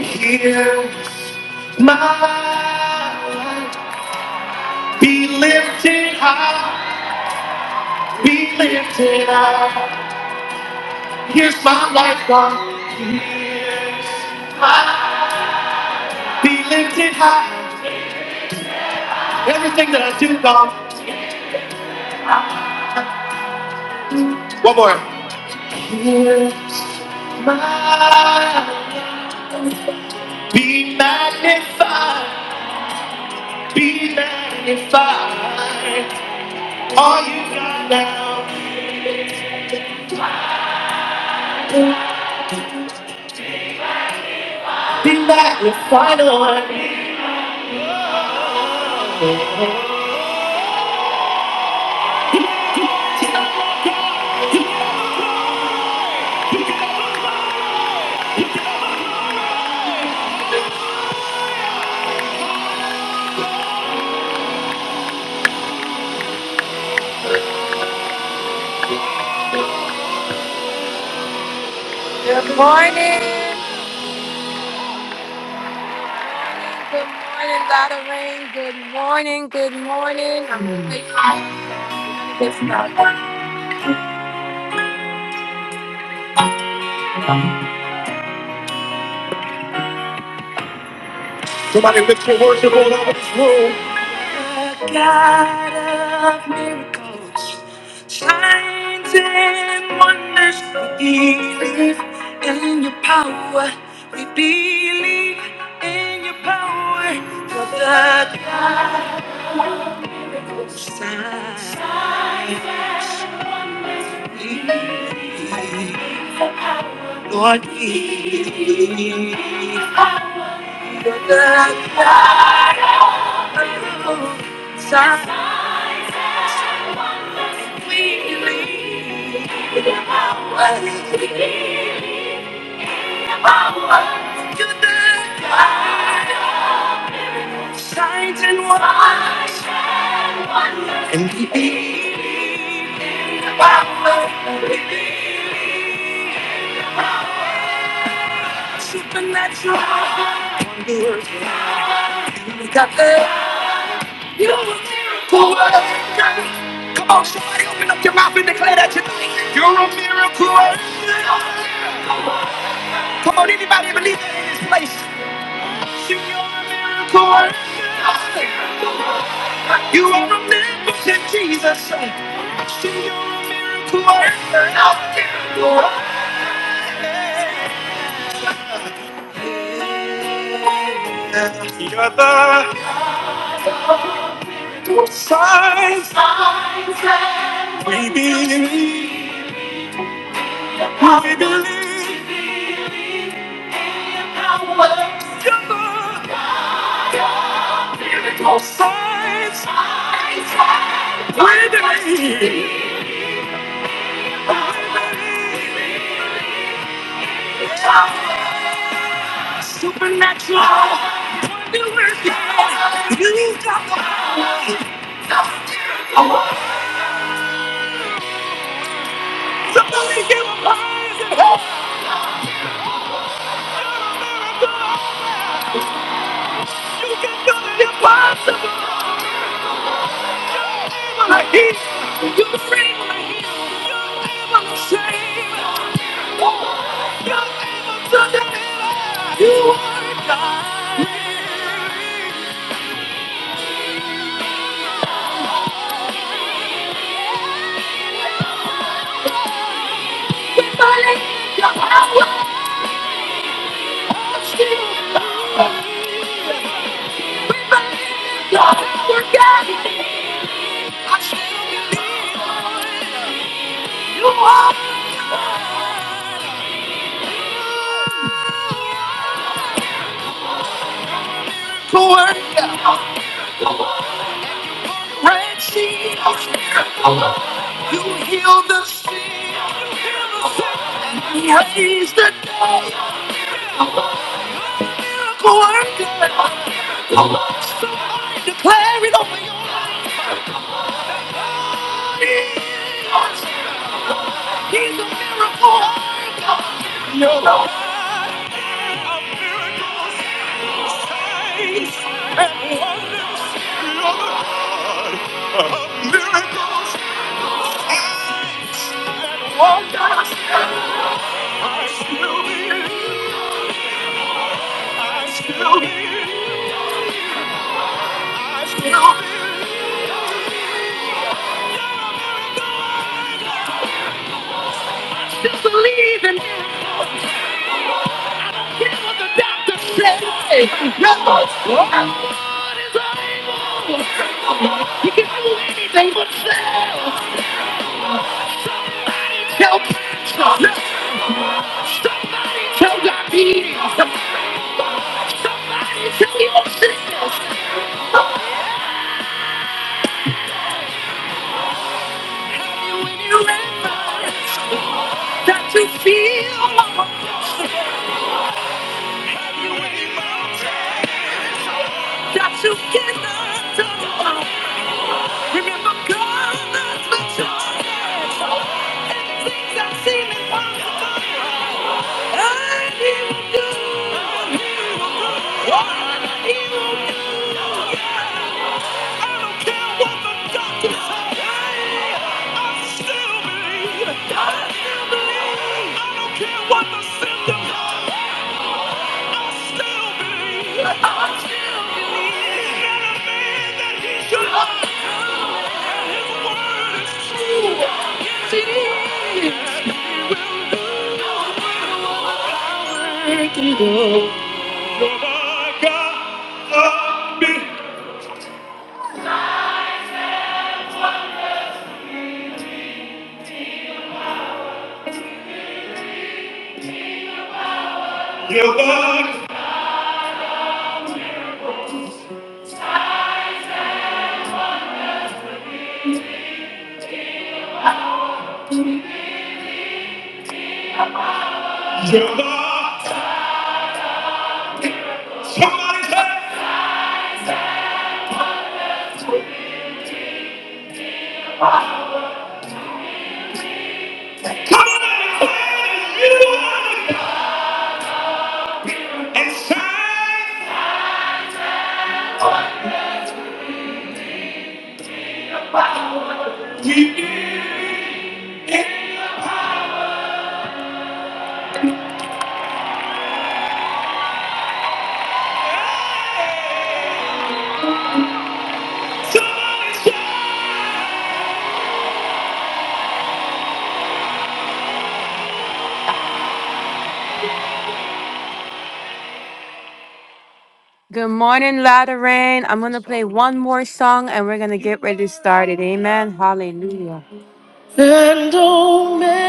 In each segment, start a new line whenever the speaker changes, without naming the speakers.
Hear my life, be lifted high, be lifted high. Here's my life gone. My be lifted high. Everything that I do gone. One more. Hear my life, be magnified, be magnified. All you got now, be magnified on. Good morning. Good morning, Lorraine. Good morning, good morning. I'm grateful this morning. Somebody lift your worship all over this room. The God of miracles, signs and wonders, we believe in your power. We believe in your power. You're the Lord, you're the God of miracles. Signs we believe. Signs and wonders, and the eight power, supernatural wonders. You got that? You a miracle worker. Come on, somebody, open up your mouth and declare that tonight. You're a miracle worker. Come on, anybody believe that in this place? You're a miracle worker. You are a miracle, Jesus. You're a miracle worker. You're the signs. We believe. We believe. You're the miracle signs. We believe. You got the miracle. Somebody give him praise and help. You can do the impossible. You're able to heal. You're able to heal. You're able to save. You're able to deliver. You are God. We believe your power is still. We believe your power, God. You are to work. When she was miracle, you heal the sick, you raised the dead, miracle worker. Somebody declare it over your ears. He's a miracle worker. No, no, just believe in him. Hear what the doctor said. No, God is able? He can do anything but fail. Somebody tell Patrick. Somebody tell diabetes. Somebody tell your sister, somebody when you remember that you feel alone, that you cannot alone. Remember God that's the joy. And things that seem impossible, and He will do. He will do. What He will do. yeah. I don't care what the doctors say. I still believe. I still believe. I don't care what the symptoms are. I still believe. I still believe. Not a man that he should lie. His word is true. Jesus, power to go. You're the God of me. You're the, you're the. Somebody say, come on and say, you are the and shine. We live in sunshine. Good morning, Lateran. I'm gonna play one more song and we're gonna get ready to start it. Amen. Hallelujah. And Omega,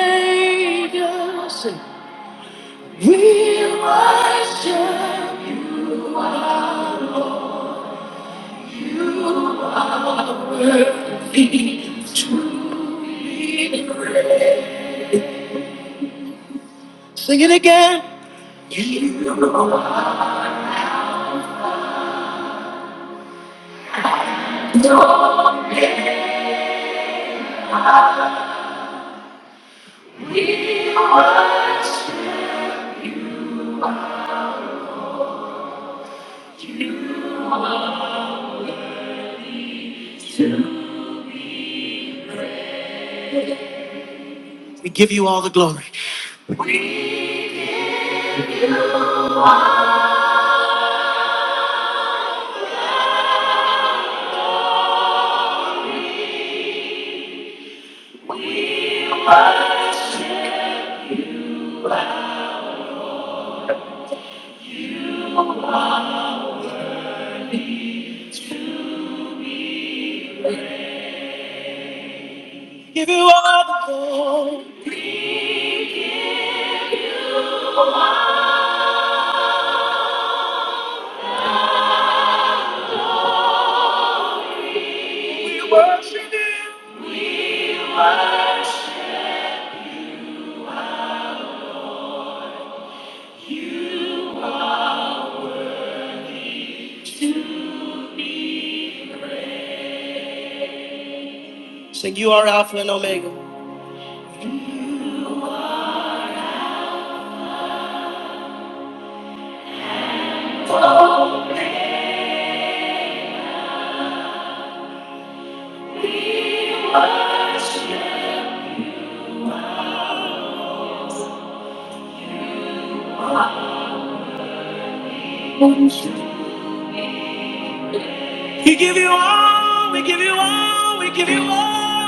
say, we worship. Sing it again. Give you all. the- Sing, you are Alpha and Omega. We give you all. We give you all. We give you all.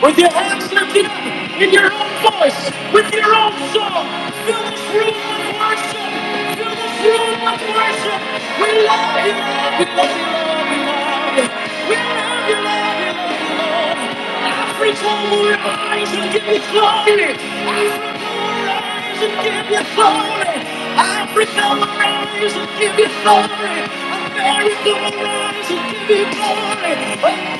With your hands lifted up, in your own voice, with your own song, fill this room with worship. Fill this room with worship. We love you, Lord. We love you, Lord. We love you. We love you, Lord. We love you, Lord. Every time we rise and give you glory. Every time we rise and give you glory. Every time we rise and give you glory. Every time we rise and give you glory.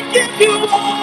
We give you all.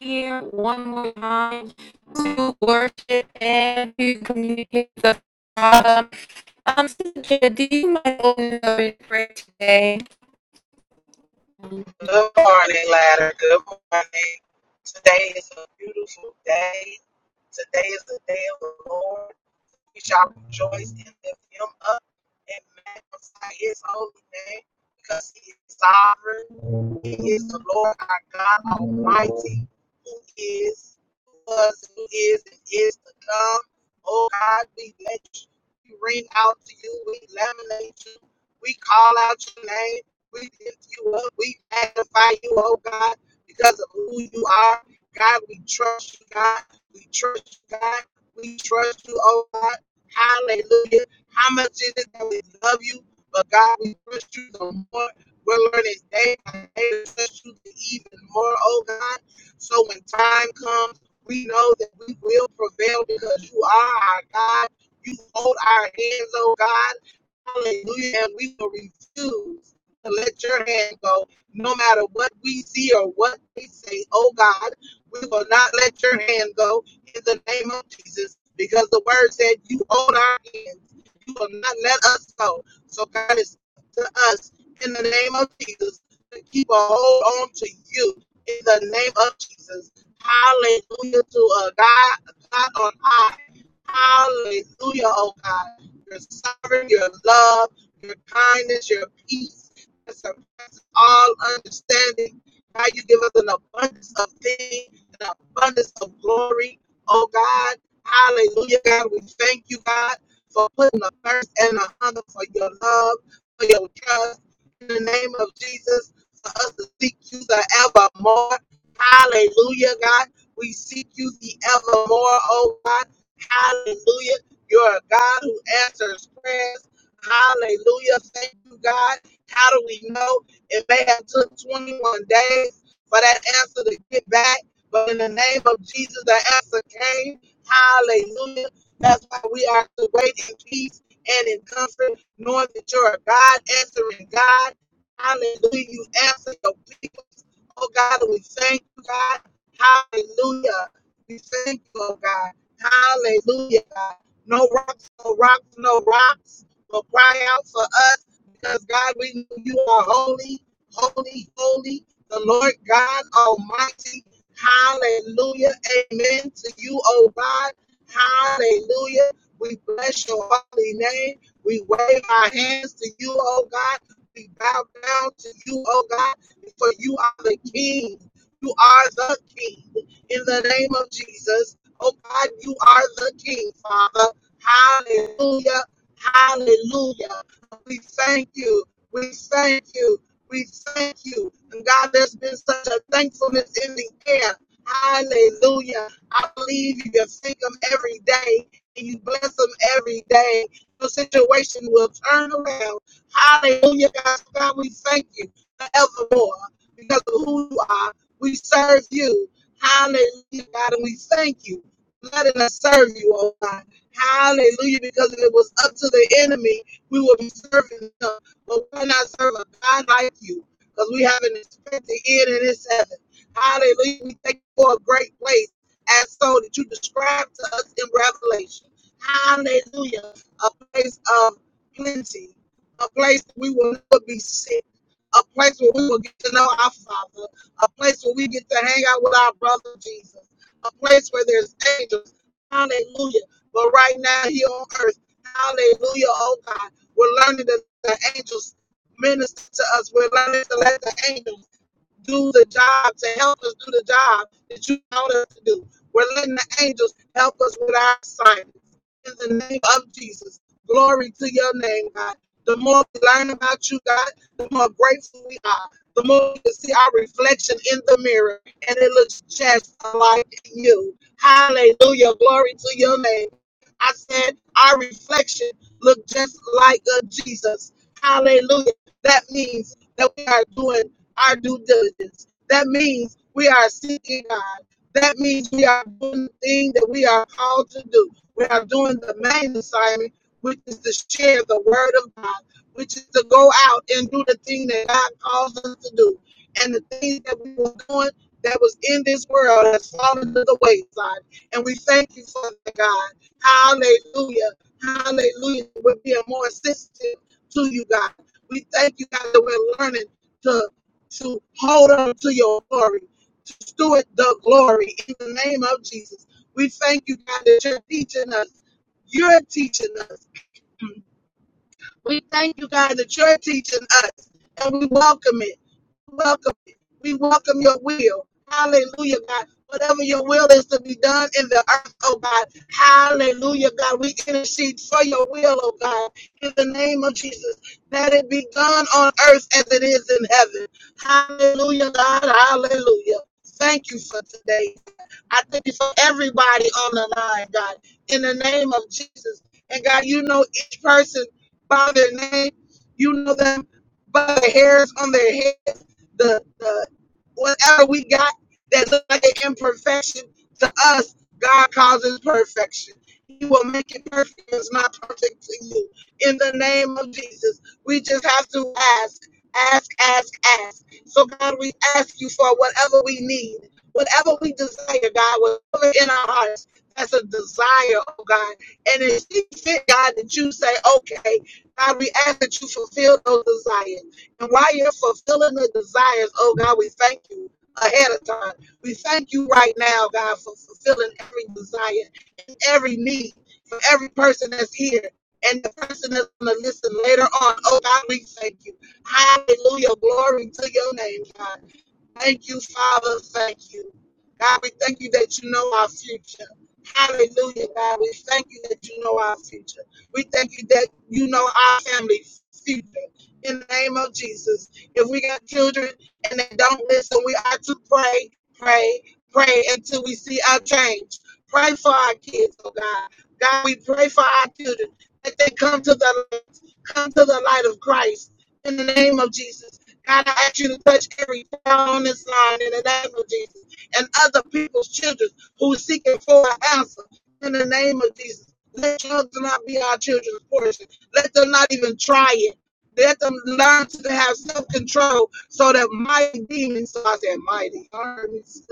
here one more time to worship and to communicate the problem. Um, Sister Jen, do you mind opening up in prayer today?
Good morning, ladder. Good morning. Today is a beautiful day. Today is the day of the Lord. We shall rejoice and lift him up and magnify his holy name because he is sovereign. He is the Lord our God Almighty, who is, who was, who is, and is to come. Oh God, we let you. We ring out to you. We laminate you. We call out your name. We lift you up. We magnify you, oh God, because of who you are. God, we trust you, God. We trust you, God. We trust you, oh God. Hallelujah. How much is it that we love you? But God, we trust you the more. We're learning day by day to trust you even more, oh God. So when time comes, we know that we will prevail because you are our God. You hold our hands, oh God. Hallelujah. And we will refuse to let your hand go, no matter what we see or what they say, oh God. We will not let your hand go in the name of Jesus because the word said, You own our hands. You will not let us go. So, God, is to us in the name of Jesus to keep a hold on to you in the name of Jesus. Hallelujah to a God, God on high. Hallelujah, oh God. Your sovereign, your love, your kindness, your peace. that surpasses All understanding, God, you give us an abundance of things, an abundance of glory, Oh God, hallelujah, God. We thank you, God, for putting a thirst and a hunger for your love, for your trust. In the name of Jesus, for us to seek you the evermore. Hallelujah, God. We seek you the evermore, oh God. Hallelujah. You're a God who answers prayers. Hallelujah. Thank you, God. How do we know? It may have took 21 days for that answer to get back. But in the name of Jesus, the answer came. Hallelujah. That's why we are to wait in peace and in comfort, knowing that you're a God answering God. Hallelujah. You answer your people. Oh God, and we thank you, God. Hallelujah. We thank you, oh God. Hallelujah, God. No rocks, no rocks, no rocks will cry out for us because God, we know you are holy, holy, holy, the Lord God Almighty. Hallelujah. Amen to you, oh God. Hallelujah. We bless your holy name. We wave our hands to you, oh God. We bow down to you, oh God, for you are the King. You are the King. In the name of Jesus, oh God, you are the King, Father. Hallelujah. Hallelujah. We thank you. We thank you. We thank you. And God, there's been such a thankfulness in the air. Hallelujah. I believe you can thank them every day and you bless them every day. Your situation will turn around. Hallelujah, God. So, God, we thank you forevermore because of who you are. We serve you. Hallelujah, God, and we thank you. for Letting us serve you, oh God. Hallelujah, because if it was up to the enemy, we would be serving him but we cannot serve a God like you because we have not expected it in this heaven. Hallelujah. We thank you for a great place as so that you describe to us in Revelation. Hallelujah. A place of plenty, a place that we will never be sick, a place where we will get to know our Father, a place where we get to hang out with our brother Jesus, a place where there's angels. Hallelujah. But right now, here on earth, hallelujah, oh God. We're learning that the angels minister to us. We're learning to let the angels do the job, to help us do the job that you want us to do. We're letting the angels help us with our assignments. In the name of Jesus, glory to your name, God. The more we learn about you, God, the more grateful we are. The more we can see our reflection in the mirror, and it looks just like you. Hallelujah. Glory to your name. I said our reflection look just like a Jesus. Hallelujah. That means that we are doing our due diligence. That means we are seeking God. That means we are doing the thing that we are called to do. We are doing the main assignment, which is to share the word of God, which is to go out and do the thing that God calls us to do. And the things that we were doing that was in this world has fallen to the wayside. And we thank you for that, God. Hallelujah. Hallelujah. We're being more sensitive to you, God. We thank you, God, that we're learning. to to hold on to your glory, to steward the glory in the name of Jesus. We thank you, God, that you're teaching us. You're teaching us. We thank you, God, that you're teaching us, and we welcome it. We welcome it. We welcome your will. Hallelujah, God. Whatever your will is to be done in the earth, oh God. Hallelujah, God. We intercede for your will, oh God. In the name of Jesus, that it be done on earth as it is in heaven. Hallelujah, God. Hallelujah. Thank you for today. I thank you for everybody on the line, God, in the name of Jesus. And God, you know each person by their name. You know them by the hairs on their heads, the, the whatever we got that look like an imperfection to us, God causes perfection. He will make it perfect. It's not perfect to you. In the name of Jesus, we just have to ask, ask, ask, ask. So God, we ask you for whatever we need. Whatever we desire, God, whatever in our hearts, that's a desire, oh God. And if she fit, God, that you say, okay, God, we ask that you fulfill those desires. And while you're fulfilling the desires, oh God, we thank you ahead of time. We thank you right now, God, for fulfilling every desire and every need for every person that's here. And the person that's going to listen later on, oh God, we thank you. Hallelujah. Glory to your name, God. Thank you, Father. Thank you. God, we thank you that you know our future. Hallelujah, God. We thank you that you know our future. We thank you that you know our family's future. In the name of Jesus. If we got children and they don't listen, we ought to pray, pray, pray until we see our change. Pray for our kids, oh God. God, we pray for our children that they come to the light, come to the light of Christ in the name of Jesus God, I ask you to touch every child on this line in the name of Jesus and other people's children who are seeking for an answer in the name of Jesus. Let children not be our children's portion. Let them not even try it. Let them learn to have self control so that mighty demons, so I said mighty armies,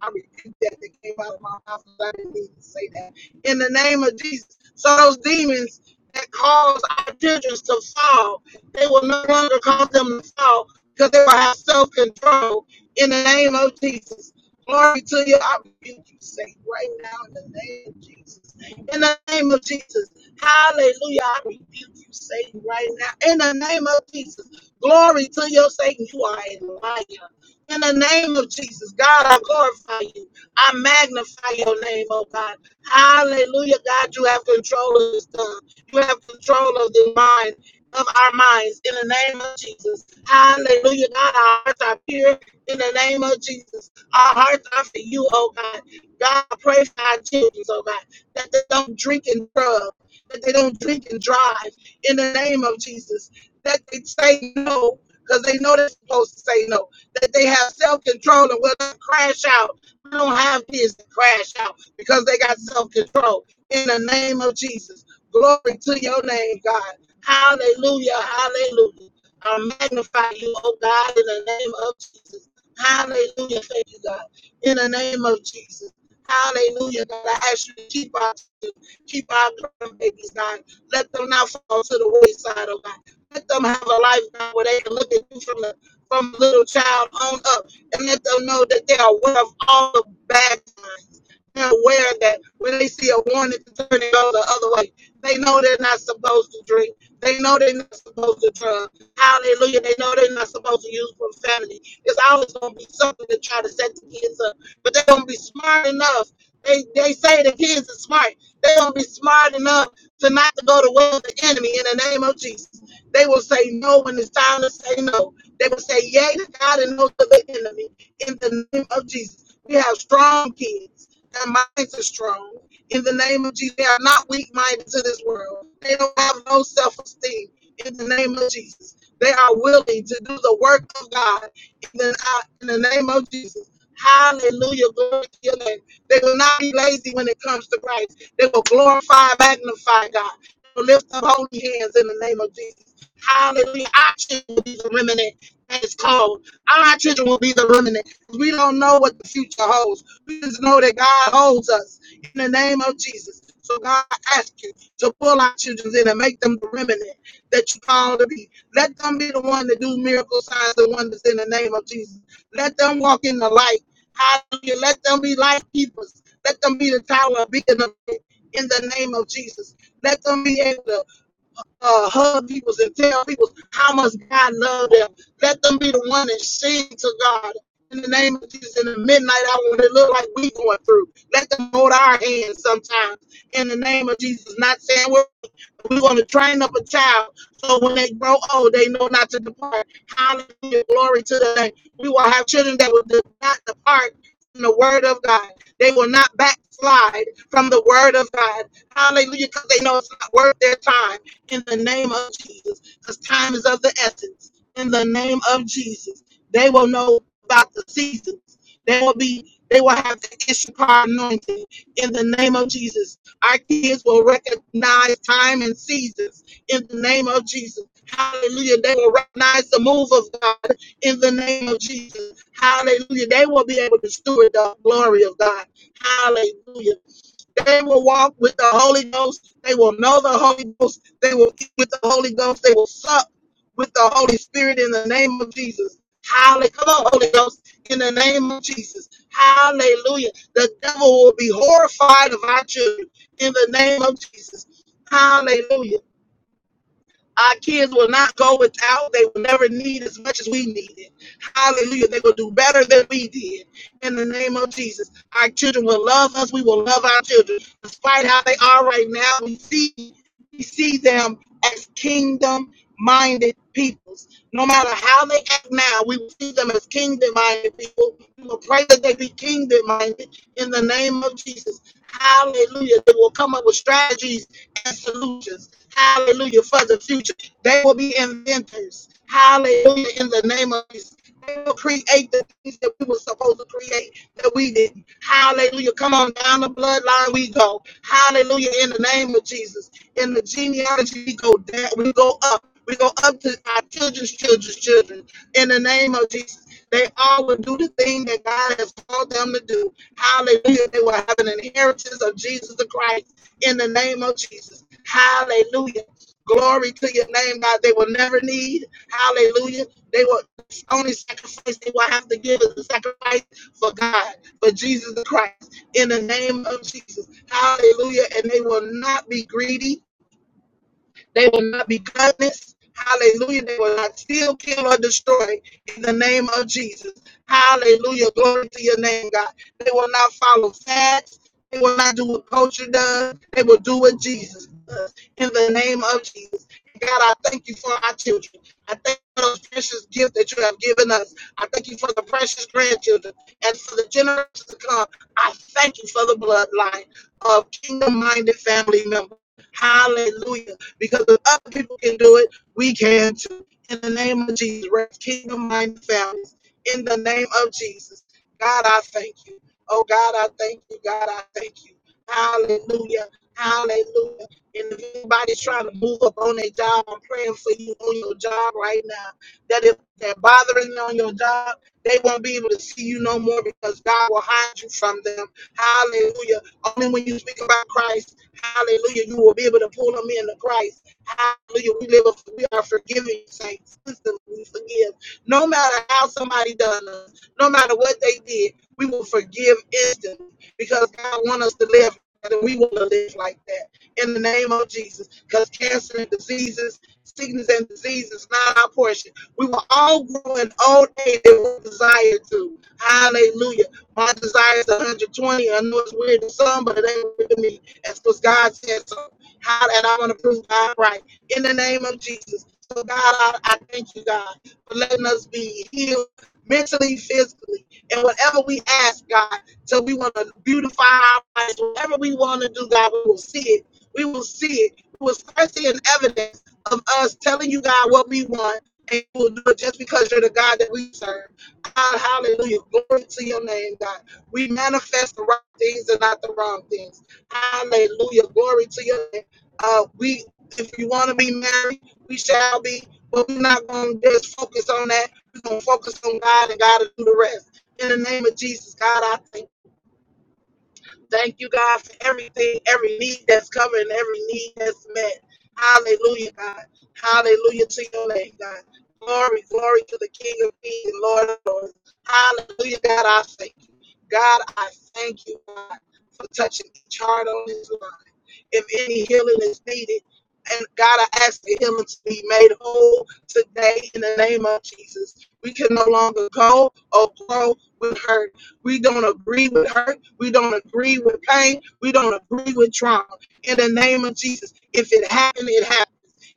I repeat that that came out of my mouth. I didn't need to say that. In the name of Jesus. So those demons that cause our children to fall, they will no longer cause them to fall because they will have self control in the name of Jesus. Glory to you. I rebuke you, Satan, right now in the name of Jesus. In the name of Jesus. Hallelujah. I rebuke you, Satan, right now. In the name of Jesus. Glory to you, Satan. You are a liar. In the name of Jesus, God, I glorify you. I magnify your name, oh God. Hallelujah, God. You have control of this tongue. You have control of the mind of our minds in the name of Jesus. Hallelujah. God, our hearts are pure in the name of Jesus. Our hearts are for you, oh God. God, I pray for our children, oh God, that they don't drink and drug, that they don't drink and drive in the name of Jesus, that they say no. Because they know they're supposed to say no, that they have self control and will not crash out. We don't have kids that crash out because they got self control. In the name of Jesus, glory to your name, God. Hallelujah. Hallelujah. I magnify you, oh God, in the name of Jesus. Hallelujah. Thank you, God. In the name of Jesus. Hallelujah. God, I ask you to keep our children, keep our grandbabies, God. Let them not fall to the wayside, oh God. Let them have a life, God, where they can look at you from the from little child on up and let them know that they are aware of all the bad times. They're aware that when they see a warning to turn, it go the other way they know they're not supposed to drink. They know they're not supposed to drug. Hallelujah. They know they're not supposed to use profanity. It's always going to be something to try to set the kids up. But they're going to be smart enough. They, they say the kids are smart. They're going to be smart enough to not to go to war with the enemy in the name of Jesus. They will say no when it's time to say no. They will say yay to God and no to the enemy in the name of Jesus. We have strong kids. Their minds are strong in the name of Jesus. They are not weak minded to this world. They don't have no self esteem in the name of Jesus. They are willing to do the work of God in the, uh, in the name of Jesus. Hallelujah. Glory to your name. They will not be lazy when it comes to Christ. They will glorify, magnify God. They will lift up holy hands in the name of Jesus. Hallelujah. Our children will be the remnant that is called. Our children will be the remnant. We don't know what the future holds. We just know that God holds us in the name of Jesus. So God, I ask you to pull our children in and make them the remnant that you call to be. Let them be the one that do miracle signs and wonders in the name of Jesus. Let them walk in the light. Hallelujah. Let them be light keepers. Let them be the tower of beacon of light in the name of Jesus. Let them be able to uh, hug people and tell people how much God loved them. Let them be the one that sing to God in the name of Jesus in the midnight hour when it look like we going through. Let them hold our hands sometimes in the name of Jesus. Not saying we're we're going to train up a child so when they grow old, they know not to depart. Hallelujah. Glory to the name. We will have children that will not depart from the word of God. They will not backslide from the word of God. Hallelujah. Because they know it's not worth their time in the name of Jesus because time is of the essence. In the name of Jesus, they will know about the seasons. They will be. They will have the Issachar anointing in the name of Jesus. Our kids will recognize time and seasons in the name of Jesus. Hallelujah. They will recognize the move of God in the name of Jesus. Hallelujah. They will be able to steward the glory of God. Hallelujah. They will walk with the Holy Ghost. They will know the Holy Ghost. They will eat with the Holy Ghost. They will sup with the Holy Spirit in the name of Jesus. Hallelujah. Come on, Holy Ghost, in the name of Jesus. Hallelujah. The devil will be horrified of our children in the name of Jesus. Hallelujah. Our kids will not go without. They will never need as much as we needed. Hallelujah. They will do better than we did. In the name of Jesus. Our children will love us. We will love our children. Despite how they are right now, we see. We see them as kingdom minded peoples. No matter how they act now, we will see them as kingdom minded people. We will pray that they be kingdom minded in the name of Jesus. Hallelujah. They will come up with strategies and solutions. Hallelujah. For the future, they will be inventors. Hallelujah. In the name of Jesus. They will create the things that we were supposed to create that we didn't. Hallelujah. Come on down the bloodline we go. Hallelujah. In the name of Jesus. In the genealogy we go down, we go up. We go up to our children's children's children. In the name of Jesus. They all will do the thing that God has called them to do. Hallelujah. They will have an inheritance of Jesus the Christ in the name of Jesus. Hallelujah. Glory to your name, God. They will never need. Hallelujah. They will. It's only sacrifice they will have to give is a sacrifice for God, for Jesus Christ, in the name of Jesus. Hallelujah. And they will not be greedy. They will not be gutless. Hallelujah. They will not steal, kill, or destroy in the name of Jesus. Hallelujah. Glory to your name, God. They will not follow facts. They will not do what culture does. They will do what Jesus does in the name of Jesus. God, I thank you for our children. I thank you for those precious gifts that you have given us. I thank you for the precious grandchildren and for the generations to come. I thank you for the bloodline of kingdom minded family members. Hallelujah. Because if other people can do it, we can too. In the name of Jesus, raise kingdom minded families. In the name of Jesus, God, I thank you. Oh, God, I thank you. God, I thank you. Hallelujah. Hallelujah. And if anybody's trying to move up on their job, I'm praying for you on your job right now. That if they're bothering you on your job, they won't be able to see you no more because God will hide you from them. Hallelujah. Only when you speak about Christ, hallelujah, you will be able to pull them into Christ. Hallelujah. We live, a, we are forgiving saints. Instantly we forgive. No matter how somebody done us, no matter what they did, we will forgive instantly because God wants us to live and we want to live like that in the name of Jesus. Because cancer and diseases, sickness and disease is not our portion. We will all grow in old age if we desire to. Hallelujah. My desire is 120. I know it's weird to some, but it ain't weird to me. That's because God said so. How and i want to prove God right in the name of Jesus. So God, I, I thank you, God, for letting us be healed mentally, physically, and whatever we ask, God, so we want to beautify our lives. Whatever we want to do, God, we will see it. We will see it. It was thirsty and evidence of us telling you, God, what we want, and we'll do it just because you're the God that we serve. God, hallelujah. Glory to your name, God. We manifest the right things and not the wrong things. Hallelujah. Glory to your name. Uh, we, if you want to be married, we shall be, but we're not going to just focus on that. We're going to focus on God and God will do the rest. In the name of Jesus, God, I thank you. Thank you, God, for everything, every need that's covered and every need that's met. Hallelujah, God. Hallelujah to your name, God. Glory, glory to the King of Kings and Lord of Lords. Hallelujah, God, I thank you. God, I thank you, God, for touching each heart on this line if any healing is needed. And God, I ask for healing to be made whole today in the name of Jesus. We can no longer go or grow with hurt. We don't agree with hurt. We don't agree with pain. We don't agree with trauma. In the name of Jesus, if it happened, it happened.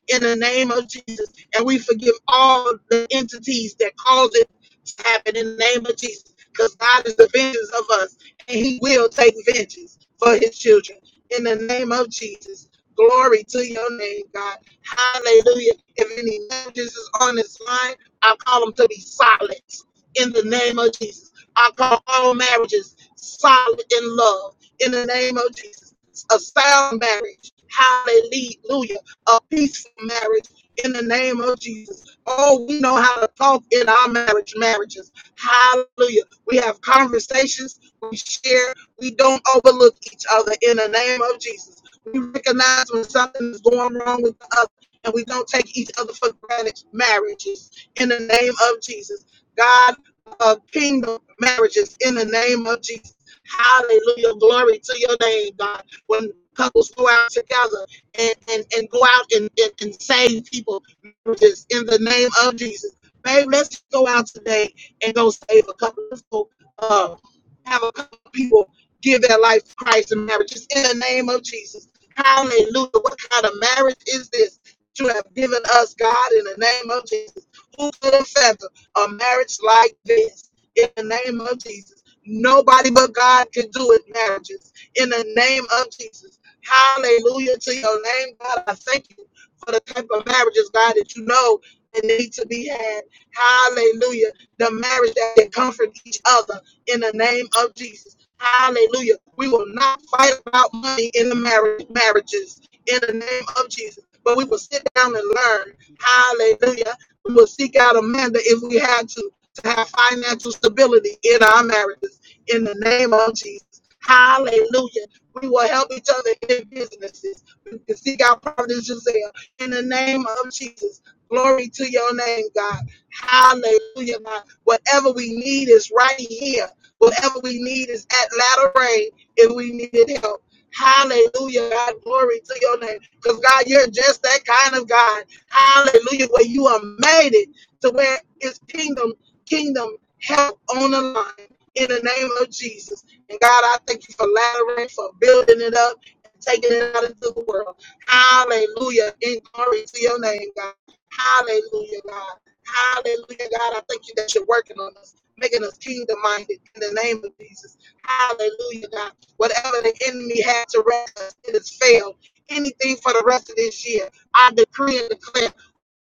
In the name of Jesus, and we forgive all the entities that caused it to happen. In the name of Jesus, because God is the vengeance of us, and He will take vengeance for His children in the name of Jesus. Glory to your name, God. Hallelujah. If any marriages is on this line, I call them to be solid in the name of Jesus. I call all marriages solid in love in the name of Jesus. A sound marriage. Hallelujah. A peaceful marriage in the name of Jesus. Oh, we know how to talk in our marriage marriages. Hallelujah. We have conversations. We share. We don't overlook each other in the name of Jesus. We recognize when something is going wrong with the other, and we don't take each other for granted. Marriages in the name of Jesus. God, uh, kingdom marriages in the name of Jesus. Hallelujah. Glory to your name, God. When couples go out together and, and, and go out and, and, and save people, marriages in the name of Jesus. Babe, let's go out today and go save a couple of people. Uh, have a couple of people give their life to Christ in marriage. It's in the name of Jesus. Hallelujah. What kind of marriage is this that you have given us, God, in the name of Jesus? Who could have fathom a marriage like this in the name of Jesus? Nobody but God can do it, marriages, in the name of Jesus. Hallelujah to your name, God. I thank you for the type of marriages, God, that you know that need to be had. Hallelujah. The marriage that can comfort each other in the name of Jesus. Hallelujah. We will not fight about money in the marriage marriages in the name of Jesus. But we will sit down and learn. Hallelujah. We will seek out Amanda if we had to to have financial stability in our marriages in the name of Jesus. Hallelujah. We will help each other in businesses. We can seek out Prophet Giselle in the name of Jesus. Glory to your name, God. Hallelujah, God. Whatever we need is right here Whatever we need is at latter rain if we needed help. Hallelujah, God, glory to your name. Because God, you're just that kind of God. Hallelujah, where you are made it to where it's kingdom, kingdom help on the line in the name of Jesus. And God, I thank you for latter rain, for building it up and taking it out into the world. Hallelujah, in glory to your name, God. Hallelujah, God. Hallelujah, God. I thank you that you're working on us making us kingdom minded in the name of Jesus. Hallelujah, God. Whatever the enemy had to wreck us, it has failed. Anything for the rest of this year, I decree and declare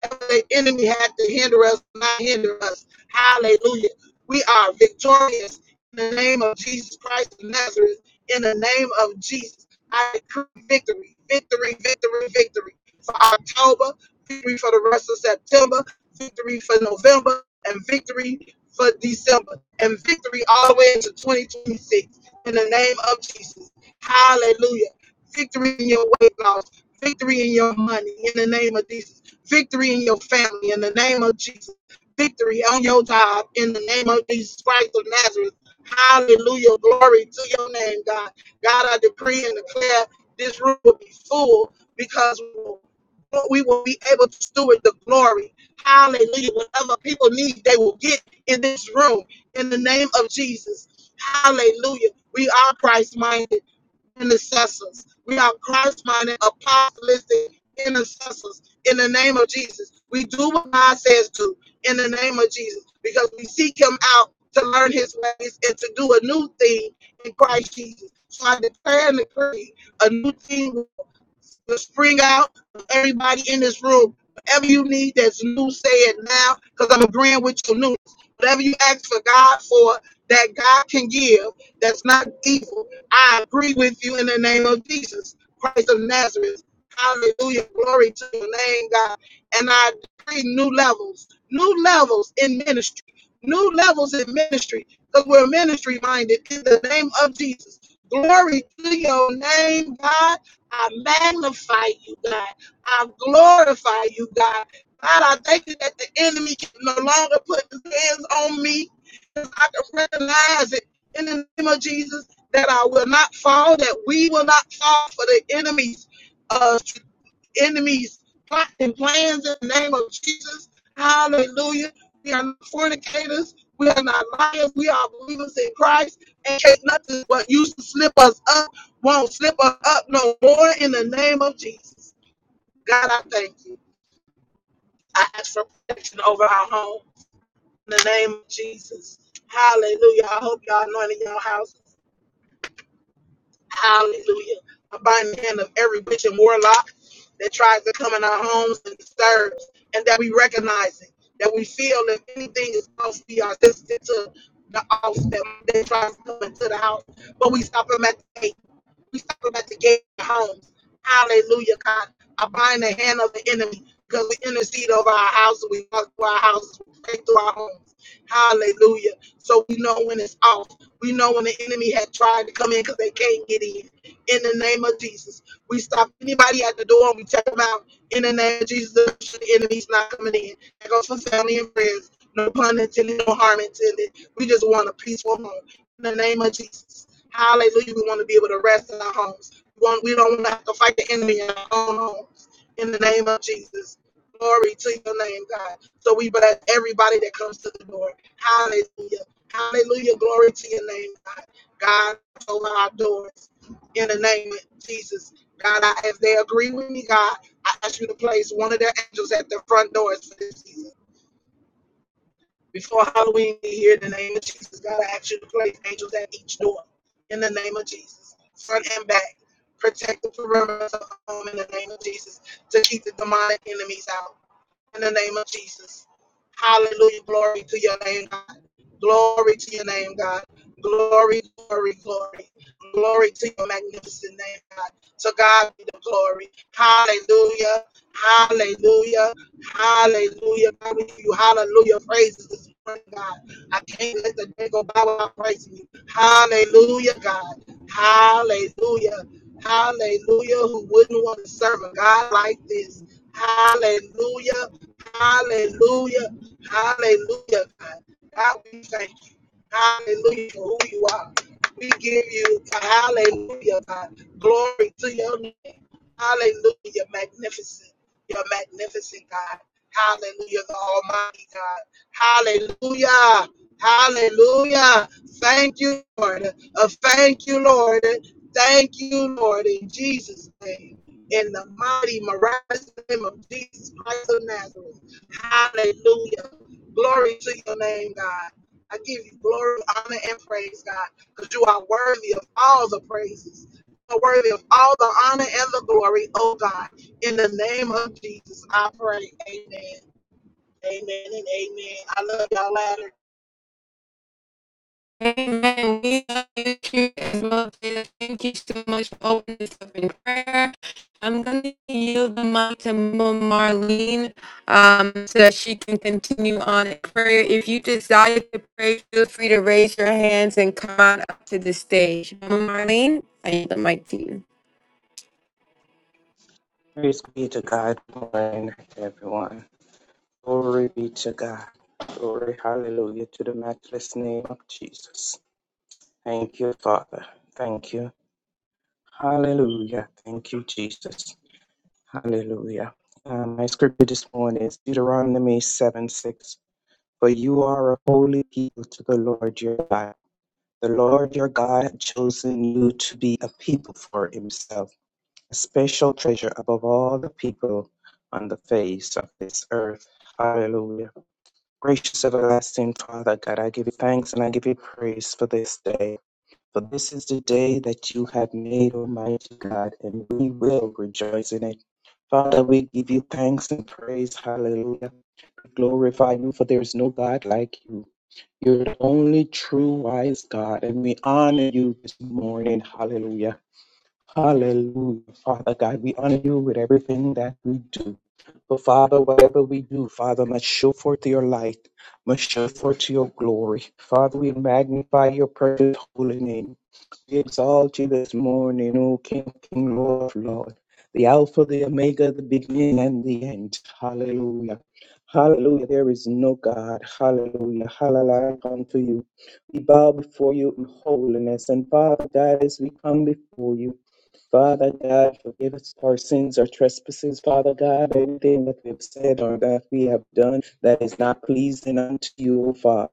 the enemy had to hinder us, not hinder us. Hallelujah. We are victorious in the name of Jesus Christ of Nazareth. In the name of Jesus, I decree victory, victory, victory, victory for October, victory for the rest of September, victory for November, and victory for December, and victory all the way into 2026. In the name of Jesus. Hallelujah. Victory in your weight loss, victory in your money. In the name of Jesus victory in your family in the name of Jesus, victory on your job in the name of Jesus Christ of Nazareth. Hallelujah. Glory to your name, God. God, I decree and declare this room will be full because we will be able to steward the glory. Hallelujah. Whatever people need, they will get in this room in the name of Jesus. Hallelujah. We are Christ minded intercessors. We are Christ minded, apostolistic intercessors in the name of Jesus. We do what God says do in the name of Jesus because we seek Him out to learn His ways and to do a new thing in Christ Jesus. So I declare and decree a new thing will spring out of everybody in this room. Whatever you need that's new, say it now, because I'm agreeing with your news. Whatever you ask for God for, that God can give, that's not evil. I agree with you in the name of Jesus, Christ of Nazareth. Hallelujah. Glory to your name, God. And I decree new levels, new levels in ministry, new levels in ministry, because we're ministry minded in the name of Jesus. Glory to your name, God. I magnify you, God. I glorify you, God. God, I thank you that the enemy can no longer put his hands on me. 'cause I can recognize it in the name of Jesus that I will not fall, that we will not fall for the enemy's uh, enemies plotting plans in the name of Jesus. Hallelujah. We are not fornicators. We are not liars. We are believers in Christ. And can't nothing but used to slip us up won't slip us up no more in the name of Jesus. God, I thank you. I ask for protection over our home in the name of Jesus. Hallelujah. I hope y'all anointed your house. Hallelujah. I bind the hand of every witch and warlock that tries to come in our homes and disturbs, and that we recognize it, that we feel if anything is supposed to be our sister to the house that they tries to come into the house, but we stop them at the gate. We stop them at the gate of homes. Hallelujah, God. I bind the hand of the enemy because we intercede over our houses. We walk through our houses. We pray through our homes. Hallelujah. So we know when it's off. We know when the enemy had tried to come in because they can't get in. In the name of Jesus, we stop anybody at the door and we check them out. In the name of Jesus, the enemy's not coming in. That goes for family and friends. No pun intended, no harm intended. We just want a peaceful home. In the name of Jesus. Hallelujah. We want to be able to rest in our homes. We, want, we don't want to have to fight the enemy in our own homes. In the name of Jesus. Glory to your name, God. So we bless everybody that comes to the door. Hallelujah. Hallelujah. Glory to your name, God. God, open our doors. In the name of Jesus. God, I, if they agree with me, God, I ask you to place one of their angels at the front doors for this season. Before Halloween be here, in the name of Jesus, God, I ask you to place angels at each door. In the name of Jesus, front and back, protect the perimeter of the home. In the name of Jesus, to keep the demonic enemies out in the name of Jesus. Hallelujah. Glory to your name, God. Glory to your name, God. Glory, glory, glory. Glory to your magnificent name, God. So God be the glory. Hallelujah. Hallelujah. Hallelujah. God, we give you hallelujah praises this morning, God. I can't let the day go by without praising you. Hallelujah, God. Hallelujah. Hallelujah. Who wouldn't want to serve a God like this? Hallelujah. Hallelujah. Hallelujah, God. God, we thank you. Hallelujah for who you are. We give you a hallelujah, God. Glory to your name. Hallelujah. You're magnificent. You're magnificent, God. Hallelujah, the Almighty God. Hallelujah. Hallelujah. Thank you, Lord. Uh, thank you, Lord. Thank you, Lord, in Jesus' name in the mighty, miraculous name of Jesus Christ of Nazareth. Hallelujah. Glory to your name, God. I give you glory, honor, and praise, God, because you are worthy of all the praises. You are worthy of all the honor and the glory, oh God. In the name of Jesus, I pray. Amen. Amen and amen. I love y'all later.
Amen. We love you too, as well. Jada. Thank you so much for opening this up in prayer. I'm going to yield the mic to Mama Marlene um, so that she can continue on in prayer. If you desire to pray, feel free to raise your hands and come on up to the stage. Mama Marlene, I yield the mic to you.
Praise be to God, Good morning, everyone. Glory be to God. Glory, hallelujah, to the matchless name of Jesus. Thank you, Father. Thank you. Hallelujah. Thank you, Jesus. Hallelujah. Um, my scripture this morning is Deuteronomy 7 6. For you are a holy people to the Lord your God. The Lord your God hath chosen you to be a people for himself A special treasure above all the people on the face of this earth. Hallelujah. Gracious everlasting Father, God, I give you thanks and I give you praise for this day. For this is the day that you have made, Almighty God, and we will rejoice in it. Father, we give you thanks and praise. Hallelujah. We glorify you, for there is no God like you. You're the only true wise God, and we honor you this morning. Hallelujah. Hallelujah. Father God, we honor you with everything that we do. But Father, whatever we do, Father, must show forth your light, must show forth your glory. Father, we magnify your precious holy name. We exalt you this morning, O King, King, Lord, Lord. The Alpha, the Omega, the beginning and the end. Hallelujah. Hallelujah. There is no God. Hallelujah. Hallelujah Come To you. We bow before you in holiness. And Father God, as we come before you, Father God, forgive us our sins, our trespasses, Father God, everything that we have said or that we have done that is not pleasing unto you, O Father.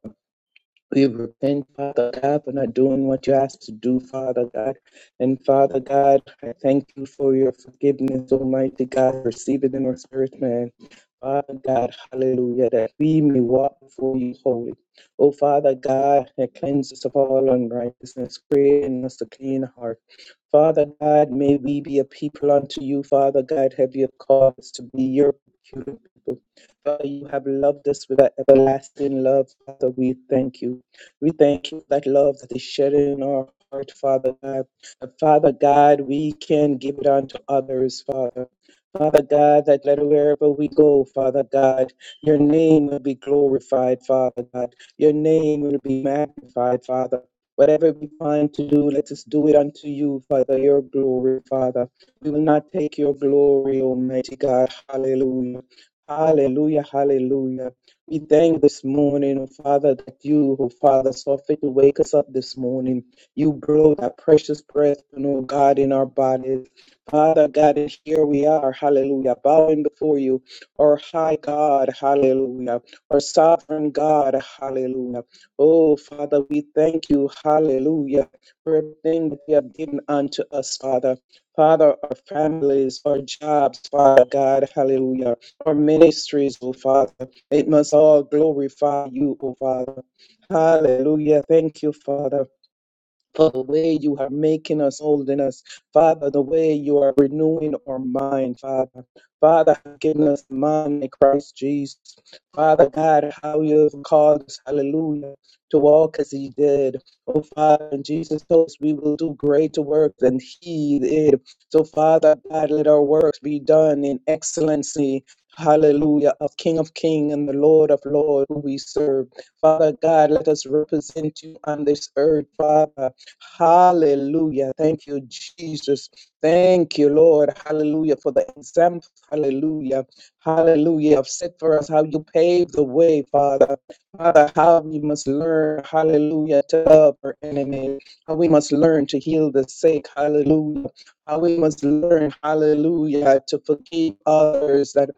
We repent, Father God, for not doing what you asked to do, Father God. And Father God, I thank you for your forgiveness, Almighty God. Receive it in our spirit, man. Father God, hallelujah, that we may walk before you holy. Oh, Father God, and cleanse us of all unrighteousness, create in us a clean heart. Father God, may we be a people unto you, Father God, have you called us to be your people. Father, you have loved us with that everlasting love. Father, we thank you. We thank you for that love that is shed in our heart, Father God. And Father God, we can give it unto others, Father. Father God, that let wherever we go, Father God, your name will be glorified, Father God. Your name will be magnified, Father. Whatever we find to do, let us do it unto you, Father, your glory, Father. We will not take your glory, Almighty God. Hallelujah. Hallelujah, hallelujah. We thank this morning, oh Father, that you, oh Father, suffered to wake us up this morning. You blew that precious breath, and oh God, in our bodies. Father God, and here we are, hallelujah, bowing before you, our high God, hallelujah, our sovereign God, hallelujah. Oh Father, we thank you, hallelujah, for everything that you have given unto us, Father. Father, our families, our jobs, Father God, hallelujah our ministries, O Father. It must all glorify you, O Father. Hallelujah. Thank you, Father for the way you are making us, holding us, Father, the way you are renewing our mind, Father. Father, have given us the mind in Christ Jesus. Father God, how you have called us, hallelujah, to walk as He did. Oh, Father, and Jesus told us we will do greater work than He did. So, Father God, let our works be done in excellency. Hallelujah, of King of King and the Lord of Lord who we serve. Father God, let us represent you on this earth, Father. Hallelujah. Thank you, Jesus. Thank you, Lord. Hallelujah. For the example. Hallelujah. Hallelujah. Have set for us how you pave the way, Father. Father, how we must learn, hallelujah, to love our enemy. How we must learn to heal the sick. Hallelujah. How we must learn, hallelujah, to forgive others. that.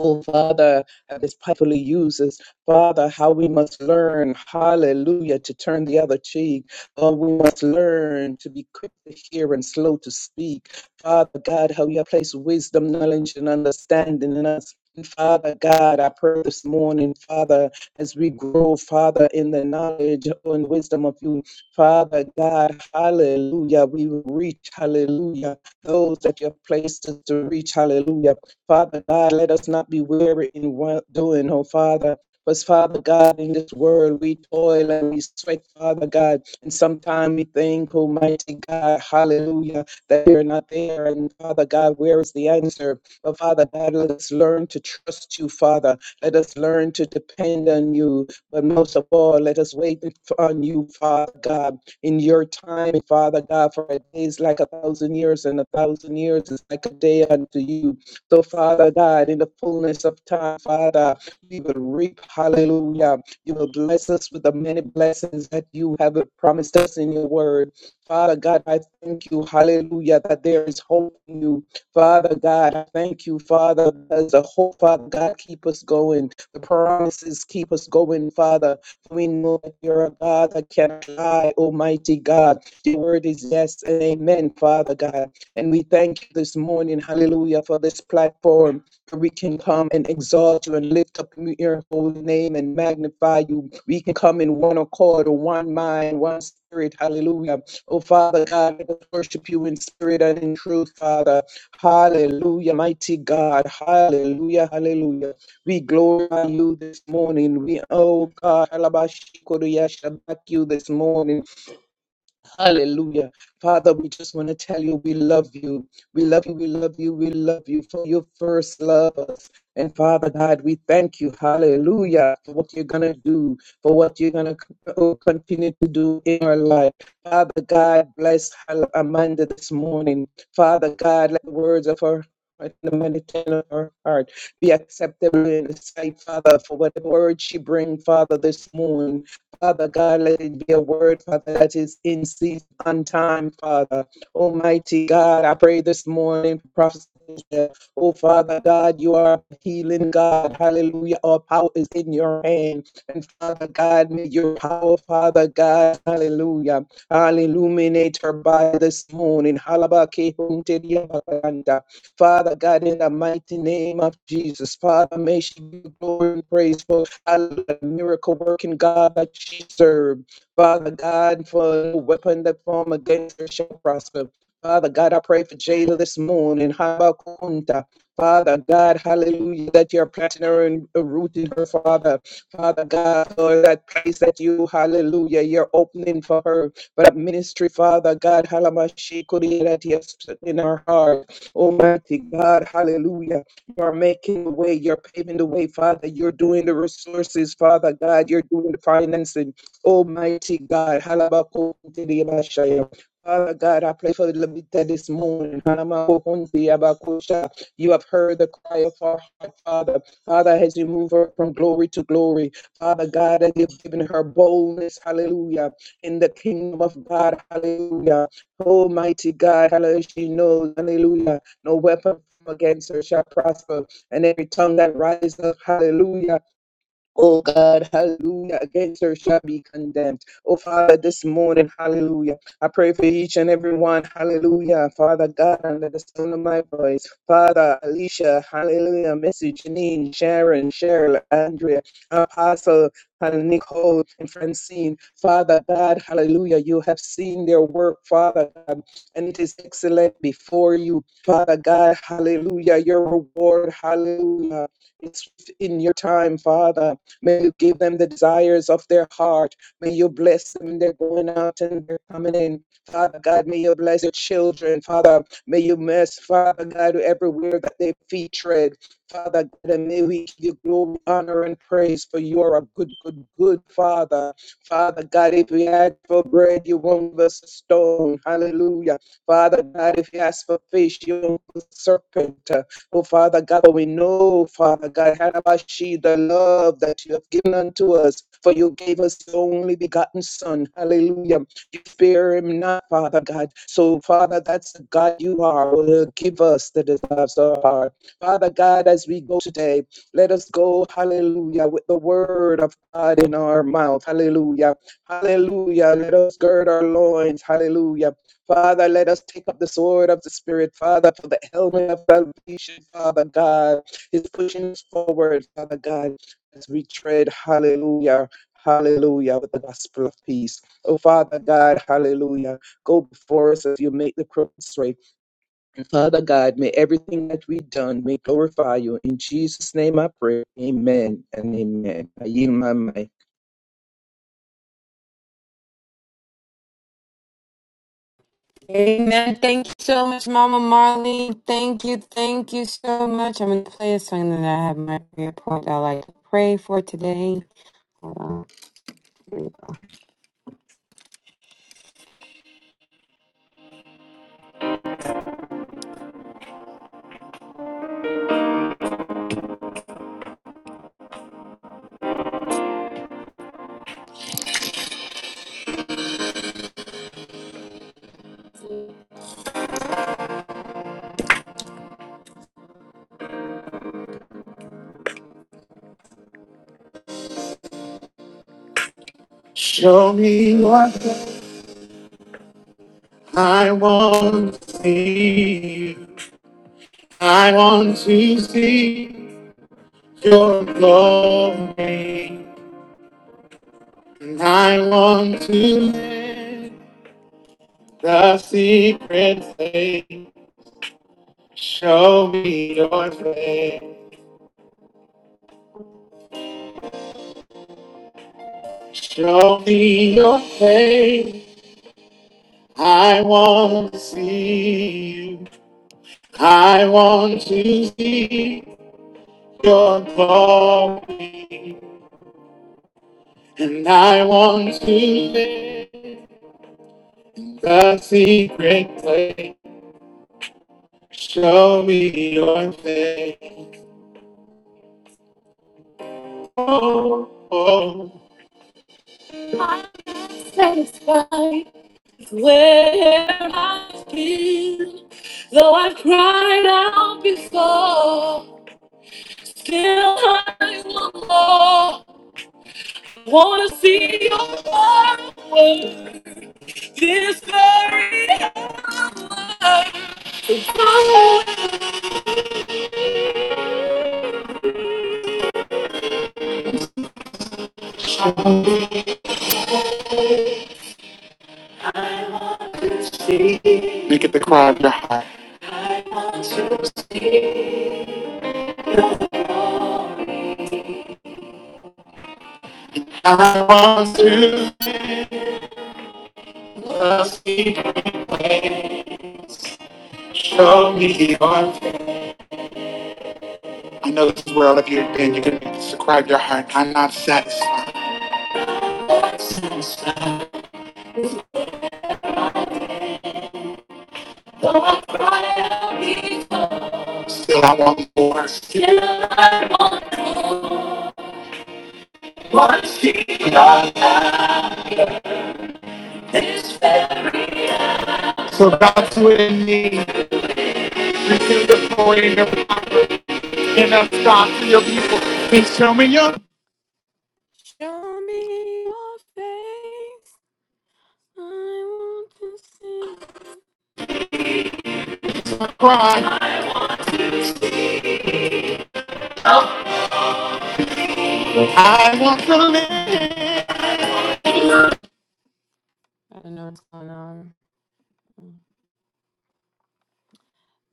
Oh, Father, uh, this powerfully uses, Father, how we must learn, hallelujah, to turn the other cheek. Oh, we must learn to be quick to hear and slow to speak. Father God, how you have placed wisdom, knowledge, and understanding in us. And Father God, I pray this morning, Father, as we grow, Father, in the knowledge and wisdom of you, Father God, hallelujah, we will reach, hallelujah, those that you have placed us to reach, hallelujah. Father God, let us not be weary in well doing, oh Father. Because, Father God, in this world we toil and we sweat, Father God. And sometimes we think, Almighty God, hallelujah, that you're not there. And, Father God, where is the answer? But, Father God, let us learn to trust you, Father. Let us learn to depend on you. But most of all, let us wait on you, Father God. In your time, Father God, for a day is like a thousand years, and a thousand years is like a day unto you. So, Father God, in the fullness of time, Father, we will reap. Hallelujah. You will bless us with the many blessings that you have promised us in your word. Father God, I thank you, hallelujah, that there is hope in you. Father God, I thank you, Father, as a hope, Father God, keep us going. The promises keep us going, Father. We know that you're a God that cannot lie, Almighty God. Your word is yes and amen, Father God. And we thank you this morning, hallelujah, for this platform where we can come and exalt you and lift up your holy name and magnify you. We can come in one accord, or one mind, one spirit, hallelujah. Oh, Father God, let us worship you in spirit and in truth, Father. Hallelujah, mighty God. Hallelujah, hallelujah. We glorify you this morning. We, oh God, halabashikoriya, shabak you this morning. Hallelujah. Father, we just want to tell you we love you. We love you. We love you. We love you for your first love us. And Father God, we thank you. Hallelujah. For what you're going to do, for what you're going to continue to do in our life. Father God, bless Amanda this morning. Father God, let the words of her and the meditation of her heart be acceptable in the sight, Father, for whatever word she bring, Father, this morning. Father God, let it be a word, Father, that is in season on time, Father. Almighty God, I pray this morning for Prophet Cynthia. Oh, Father God, you are a healing God. Hallelujah. All power is in your hand. And Father God, may your power, Father God, hallelujah, I'll illuminate her by this morning. Halabakehunteriabakanda. Father God, in the mighty name of Jesus, Father, may she be glory and praise for the miracle working God that she served. Father God, for the weapon that form against her shall prosper. Father God, I pray for Jada this morning. Habakunta. Father God, hallelujah, that you're planting her and rooting her, Father. Father God, for that place that you, hallelujah, you're opening for her. For that ministry, Father God, halamashikuri, that you have put in her heart. Almighty God, hallelujah. You are making the way, you're paving the way, Father. You're doing the resources, Father God. You're doing the financing, Almighty God. Hallelujah! Father God, I pray for the Levita this morning. Hanamakuntiyabakusha. You have heard the cry of our heart, Father. Father, as you move her from glory to glory, Father God, as you've given her boldness, hallelujah, in the kingdom of God, hallelujah. Almighty God, hallelujah, she knows, hallelujah. No weapon against her shall prosper, and every tongue that rises up, hallelujah, Oh God, hallelujah. Against her shall be condemned. Oh Father, this morning, hallelujah. I pray for each and every one, hallelujah. Father God, under the sound of my voice. Father, Alicia, hallelujah. Missy, Janine, Sharon, Cheryl, Andrea, Apostle, and Nicole, and Francine. Father God, hallelujah. You have seen their work, Father God, and it is excellent before you. Father God, hallelujah. Your reward, hallelujah. It's in your time, Father. May you give them the desires of their heart. May you bless them. They're going out and they're coming in. Father God, may you bless your children. Father, may you bless, Father God, everywhere that they feet tread. Father God, and may we give you glory, honor, and praise for you are a good, good, good Father. Father God, if we ask for bread, you won't give us a stone. Hallelujah. Father God, if you ask for fish, you won't give us a serpent. Oh, Father God, for we know, Father God, Harabashi, the love that you have given unto us, for you gave us the only begotten Son. Hallelujah. You spare him not, Father God. So, Father, that's the God you are. Will give us the desires of our heart. Father God, as we go today, let us go, hallelujah, with the word of God in our mouth. Hallelujah. Hallelujah. Let us gird our loins. Hallelujah Father, let us take up the sword of the Spirit, Father, for the helmet of salvation, Father God, is pushing us forward, Father God, as we tread, hallelujah, hallelujah, with the gospel of peace. Oh, Father God, hallelujah, go before us as you make the crooked straight. Father God, may everything that we've done, may glorify you. In Jesus' name I pray, amen and amen. I yield my mic.
Amen. Thank you so much, Mama Marlene. Thank you. Thank you so much. I'm going to play a song that I have my prayer point I like to pray for today. Show me what I want to see. I want to see your glory. And I want to live the secret place. Show me your face. Show me your face. I want to see you. I want to see your glory. And I want to live the secret place. Show me your face. Oh, oh. Cried out behind. Make it the cry of your heart. I want to live the secret. place. Show me your face. I know this is where all of you have been. You're going to make this the cry of your heart. I'm not satisfied. Still, I want more. Still, I want to see your face. So God, do it in me. Receive the glory and the honor and God, to your people. And show me your Show me your face. I want to see. cry. I want to live. I don't know what's going on.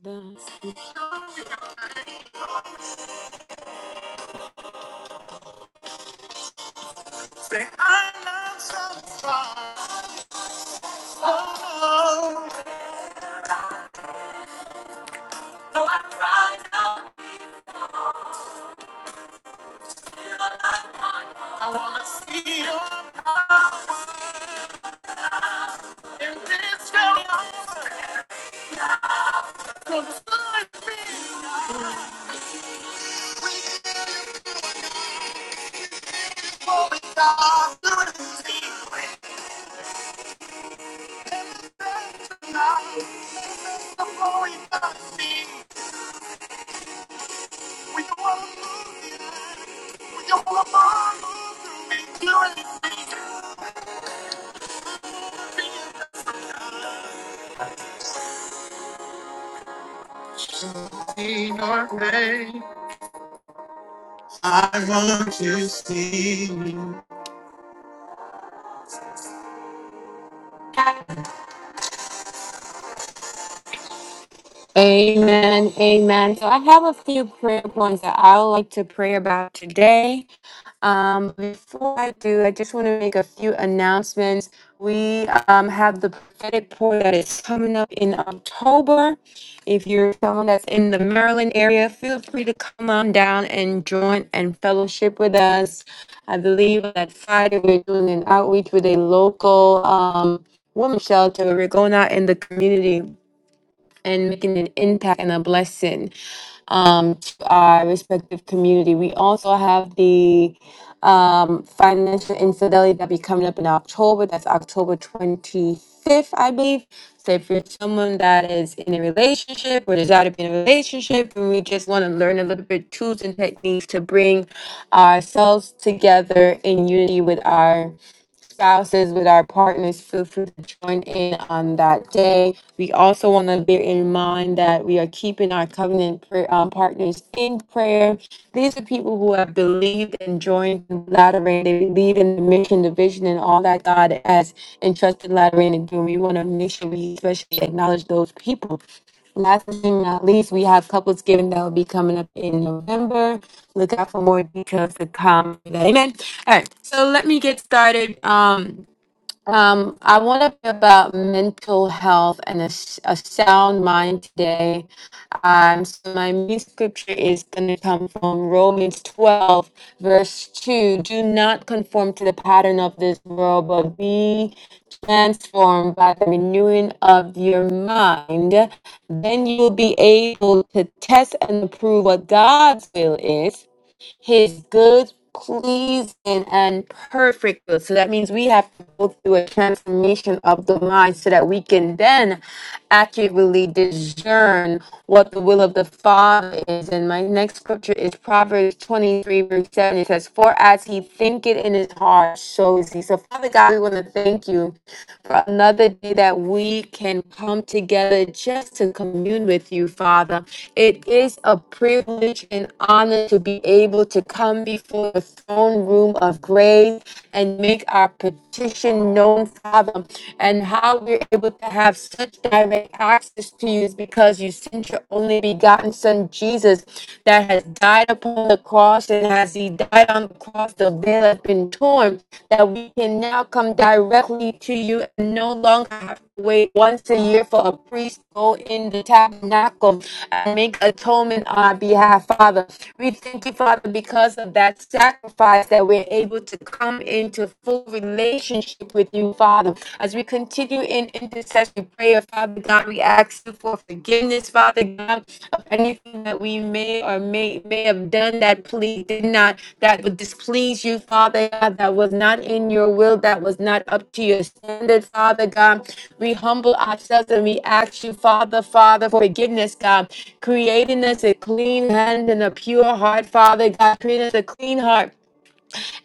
That's Say, I love some great. I want to see you. Amen. Amen. So I have a few prayer points that I would like to pray about today. Um, before I do, I just want to make a few announcements. We um, have the prophetic pour that is coming up in October. If you're someone that's in the Maryland area, feel free to come on down and join and fellowship with us. I believe that Friday we're doing an outreach with a local um, woman shelter. We're going out in the community and making an impact and a blessing um, to our respective community. We also have the um, financial infidelity that be coming up in October. That's October 25th, I believe. So if you're someone that is in a relationship or desire to be in a relationship, and we just want to learn a little bit tools and techniques to bring ourselves together in unity with our spouses, with our partners, feel free to join in on that day. We also want to bear in mind that we are keeping our covenant prayer, um, partners in prayer. These are people who have believed and joined Latter Rain. They believe in the mission, the vision, and all that God has entrusted Latter Rain to do. We want to make sure we especially acknowledge those people. Last but not least, we have couples giving that will be coming up in November. Look out for more details to come. Amen. All right, so let me get started. Um, um, I want to be about mental health and a, s- a sound mind today. Um, so my main scripture is going to come from Romans 12, verse 2. Do not conform to the pattern of this world, but be transformed by the renewing of your mind. Then you'll be able to test and approve what God's will is his good, pleasing, and perfect will. So that means we have to go through a transformation of the mind so that we can then accurately discern what the will of the Father is. And my next scripture is Proverbs 23, verse 7. It says, For as he thinketh in his heart, so is he. So, Father God, we want to thank you for another day that we can come together just to commune with you, Father. It is a privilege and honor to be able to come before the throne room of grace and make our petition known, Father. And how we're able to have such direct access to you is because you sent your only begotten Son, Jesus, that has died upon the cross. And as he died on the cross, the veil has been torn, that we can now come directly to you and no longer have wait once a year for a priest to go in the tabernacle and make atonement on our behalf, Father. We thank you, Father, because of that sacrifice that we're able to come into full relationship with you, Father. As we continue in intercessory prayer, Father God, we ask you for forgiveness, Father God, of anything that we may or may may have done that please did not that would displease you, Father God, that was not in your will, that was not up to your standard, Father God. We humble ourselves and we ask you, Father, Father, for forgiveness, God, creating us a clean hand and a pure heart, Father God, creating us a clean heart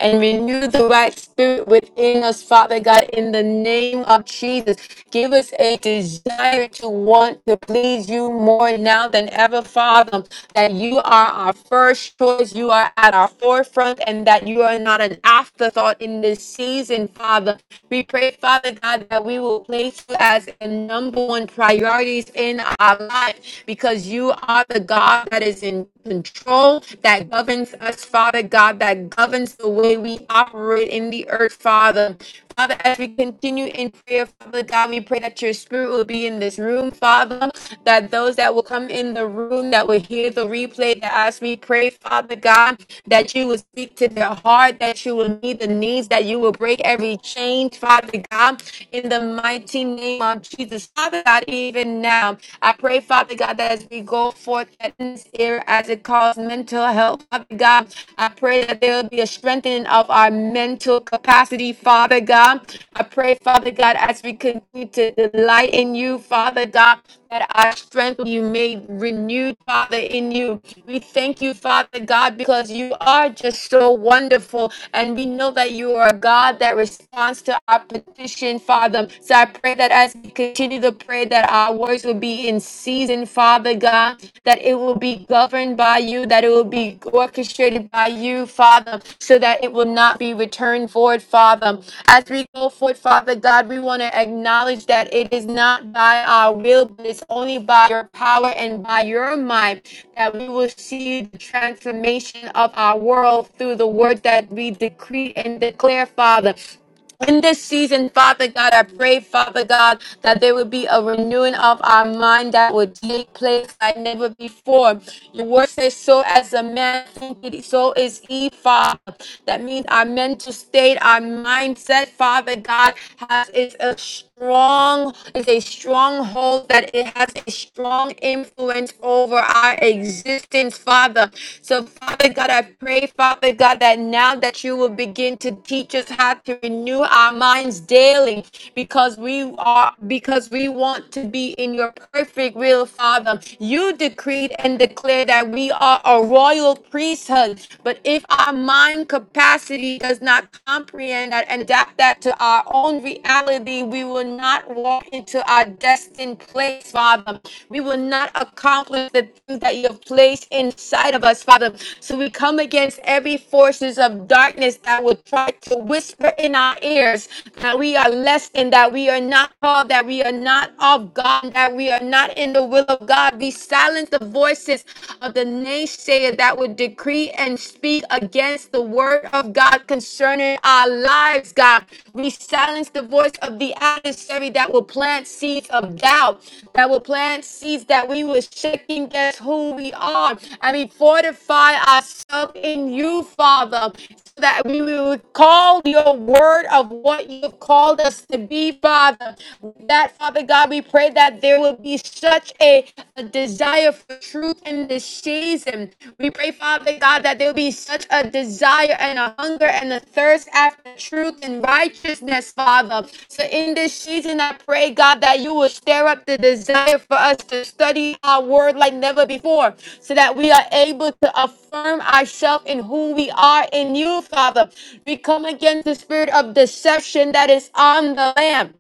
and renew the right spirit within us, Father God, in the name of Jesus. Give us a desire to want to please you more now than ever, Father, that you are our first choice, you are at our forefront, and that you are not an afterthought in this season, Father. We pray, Father God, that we will place you as the number one priorities in our life because you are the God that is in control that governs us, Father God, that governs the way we operate in the earth, Father. Father, as we continue in prayer, Father God, we pray that your spirit will be in this room, Father, that those that will come in the room, that will hear the replay, that as we pray, Father God, that you will speak to their heart, that you will meet the needs, that you will break every chain, Father God, in the mighty name of Jesus. Father God, even now, I pray pray, Father God, that as we go forth at this era, as it calls mental health, Father God, I pray that there will be a strengthening of our mental capacity, Father God. I pray, Father God, as we continue to delight in you, Father God, that our strength will be made renewed, Father, in you. We thank you, Father God, because you are just so wonderful. And we know that you are a God that responds to our petition, Father. So I pray that that as we continue to pray, that our words will be in season, Father God, that it will be governed by you, that it will be orchestrated by you, Father, so that it will not be returned void, Father. As we go forth, Father God, we want to acknowledge that it is not by our will, but it's only by your power and by your might that we will see the transformation of our world through the word that we decree and declare, Father in this season, Father God, I pray, Father God, that there would be a renewing of our mind that would take place like never before. Your word says, So as a man thinketh, so is he, Father. That means our mental state, our mindset, Father God, has is a strong, is a stronghold that it has a strong influence over our existence, Father. So, Father God, I pray, Father God, that now that you will begin to teach us how to renew our minds daily because we are because we want to be in your perfect will, Father. You decreed and declared that we are a royal priesthood. But if our mind capacity does not comprehend that and adapt that to our own reality, we will not walk into our destined place, Father. We will not accomplish the things that you have placed inside of us, Father. So we come against every forces of darkness that would try to whisper in our ears that we are less than, that we are not called, that we are not of God, that we are not in the will of God. We silence the voices of the naysayer that would decree and speak against the word of God concerning our lives, God. We silence the voice of the adversary that will plant seeds of doubt, that will plant seeds that we will second guess who we are. And we fortify ourselves in you, Father, so that we will call your word of what you've called us to be, Father. That, Father God, we pray that there will be such a, a desire for truth fruit in this season. We pray, Father God, that there will be such a desire and a hunger and a thirst after truth and righteousness, Father. So in this season, I pray, God, that you will stir up the desire for us to study our word like never before, so that we are able to affirm ourselves in who we are in you, Father. We come against the spirit of deception that is on the land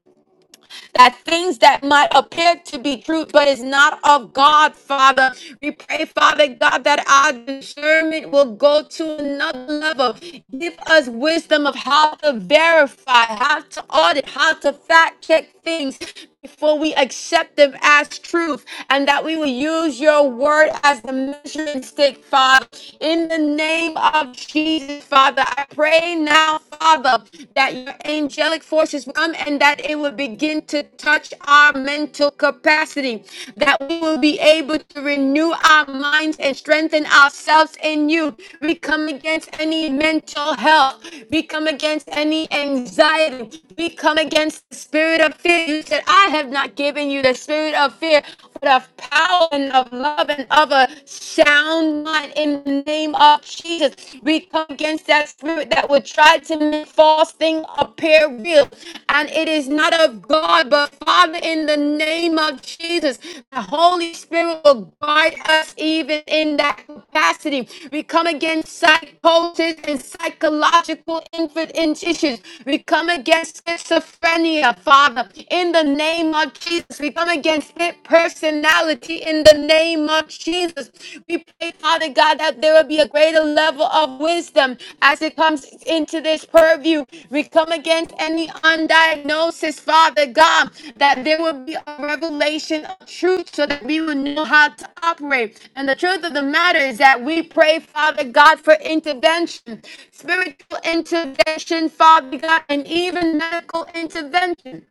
that things that might appear to be true, but is not of God, Father. We pray, Father God, that our discernment will go to another level. Give us wisdom of how to verify, how to audit, how to fact check things before we accept them as truth, and that we will use your word as the measuring stick, Father. In the name of Jesus, Father, I pray now, Father, that your angelic forces will come and that it will begin to touch our mental capacity, that we will be able to renew our minds and strengthen ourselves in you. We come against any mental health, we come against any anxiety, we come against the spirit of fear said, I have not given you the spirit of fear, but of power and of love and of a sound mind in the name of Jesus. We come against that spirit that would try to make false things appear real. And it is not of God, but Father, in the name of Jesus, the Holy Spirit will guide us even in that capacity. We come against psychosis and psychological infant issues. We come against schizophrenia, Father in the name of Jesus. We come against pit personality in the name of Jesus. We pray, Father God, that there will be a greater level of wisdom as it comes into this purview. We come against any undiagnosis, Father God, that there will be a revelation of truth so that we will know how to operate. And the truth of the matter is that we pray, Father God, for intervention, spiritual intervention, Father God, and even medical intervention.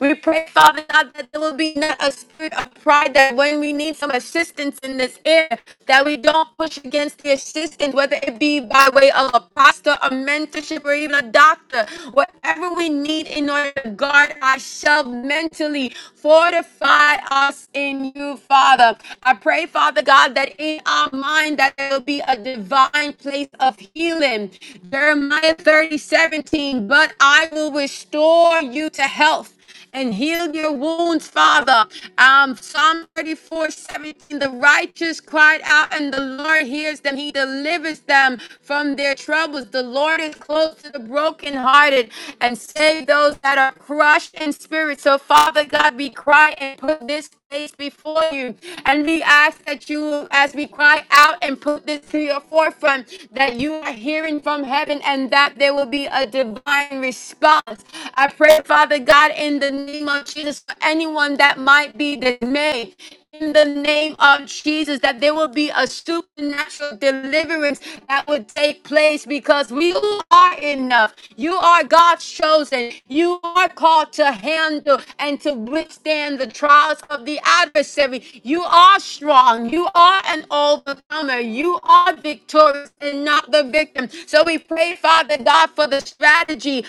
We pray, Father God, that there will be not a spirit of pride that when we need some assistance in this area, that we don't push against the assistance, whether it be by way of a pastor, a mentorship, or even a doctor. Whatever we need in order to guard ourselves mentally, fortify us in you, Father. I pray, Father God, that in our mind that there will be a divine place of healing. Jeremiah 30:17. but I will restore you to health and heal your wounds, Father. Um, Psalm 34:17. the righteous cried out, and the Lord hears them. He delivers them from their troubles. The Lord is close to the brokenhearted and save those that are crushed in spirit. So, Father God, we cry and put this place before you. And we ask that you, as we cry out and put this to your forefront, that you are hearing from heaven and that there will be a divine response. I pray, Father God, in the name of Jesus, for anyone that might be dismayed, in the name of Jesus that there will be a supernatural deliverance that would take place because we are enough. You are God's chosen. You are called to handle and to withstand the trials of the adversary. You are strong. You are an overcomer. You are victorious and not the victim. So we pray, Father God, for the strategy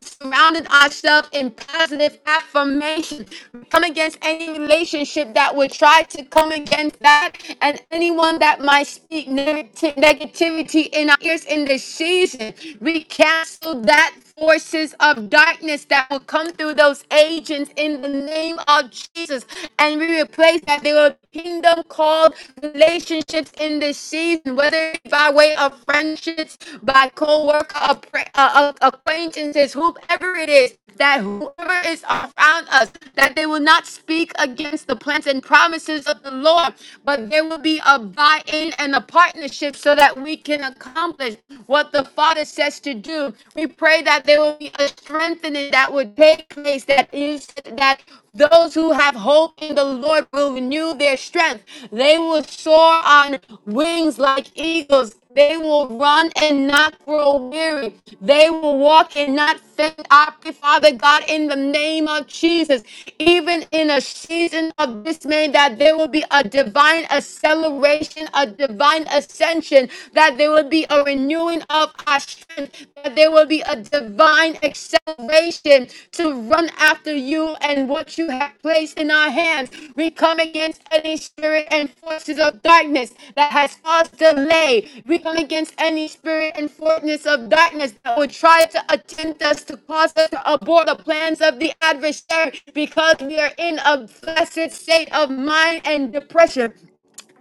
surrounded ourselves in positive affirmation. Come against any relationship that would try to come against that, and anyone that might speak negati- negativity in our ears in this season. We cancel that forces of darkness that will come through those agents in the name of Jesus. And we replace that they will kingdom called relationships in this season, whether it's by way of friendships, by co-worker, appra- uh, uh, acquaintances, whoever it is, that whoever is around us, that they will not speak against the plans and promises of the Lord, but there will be a buy-in and a partnership so that we can accomplish what what the Father says to do. We pray that there will be a strengthening that would take place, that is that those who have hope in the Lord will renew their strength. They will soar on wings like eagles. They will run and not grow weary. They will walk and not thank I pray, Father God, in the name of Jesus, even in a season of dismay, that there will be a divine acceleration, a divine ascension, that there will be a renewing of our strength, that there will be a divine acceleration to run after you and what you you have placed in our hands. We come against any spirit and forces of darkness that has caused delay. We come against any spirit and forces of darkness that would try to attempt us to cause us to abort the plans of the adversary because we are in a blessed state of mind and depression.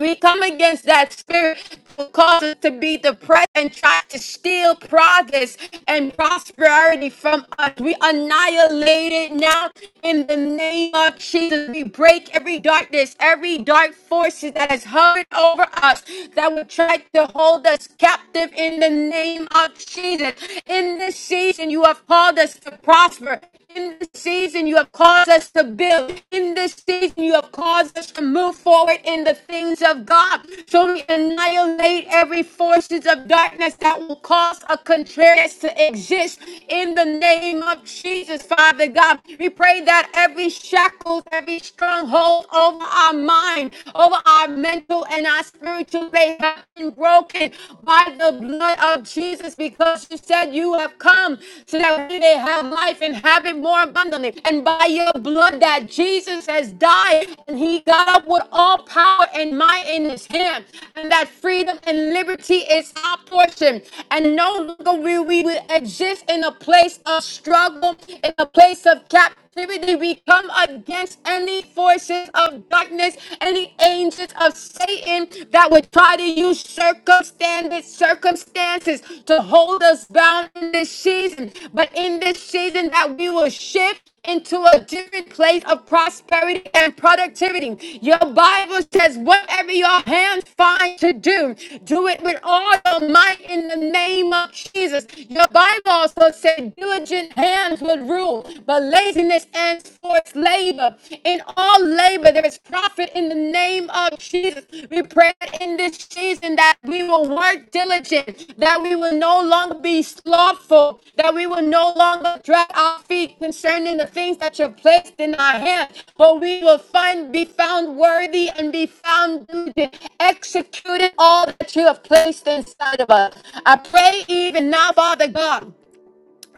We come against that spirit that causes to be depressed and try to steal progress and prosperity from us. We annihilate it now in the name of Jesus. We break every darkness, every dark forces that has hovered over us that would try to hold us captive in the name of Jesus. In this season, you have called us to prosper. In this season, you have called caused us to build. In this season, you have caused us to move forward in the things of God. So we annihilate every forces of darkness that will cause a contrariness to exist in the name of Jesus, Father God. We pray that every shackles, every stronghold over our mind, over our mental and our spiritual, they have been broken by the blood of Jesus because you said you have come so that we may have life and have it more abundantly. And by your blood that Jesus has died and he got up with all power and might in his hand. And that freedom and liberty is our portion. And no longer will we exist in a place of struggle, in a place of captivity captivity. We come against any forces of darkness, any angels of Satan that would try to use circumstances, circumstances to hold us bound in this season. But in this season, that we will shift into a different place of prosperity and productivity. Your Bible says, whatever your hands find to do, do it with all your might in the name name of Jesus. Your Bible also said diligent hands would rule, but laziness and forced labor. In all labor, there is profit in the name of Jesus. We pray in this season that we will work diligent, that we will no longer be be slothful, that we will no longer drag our feet concerning the things that you have placed in our hands, but we will find be found worthy and be found diligent, executing all that you have placed inside of us. I pray even now, Father God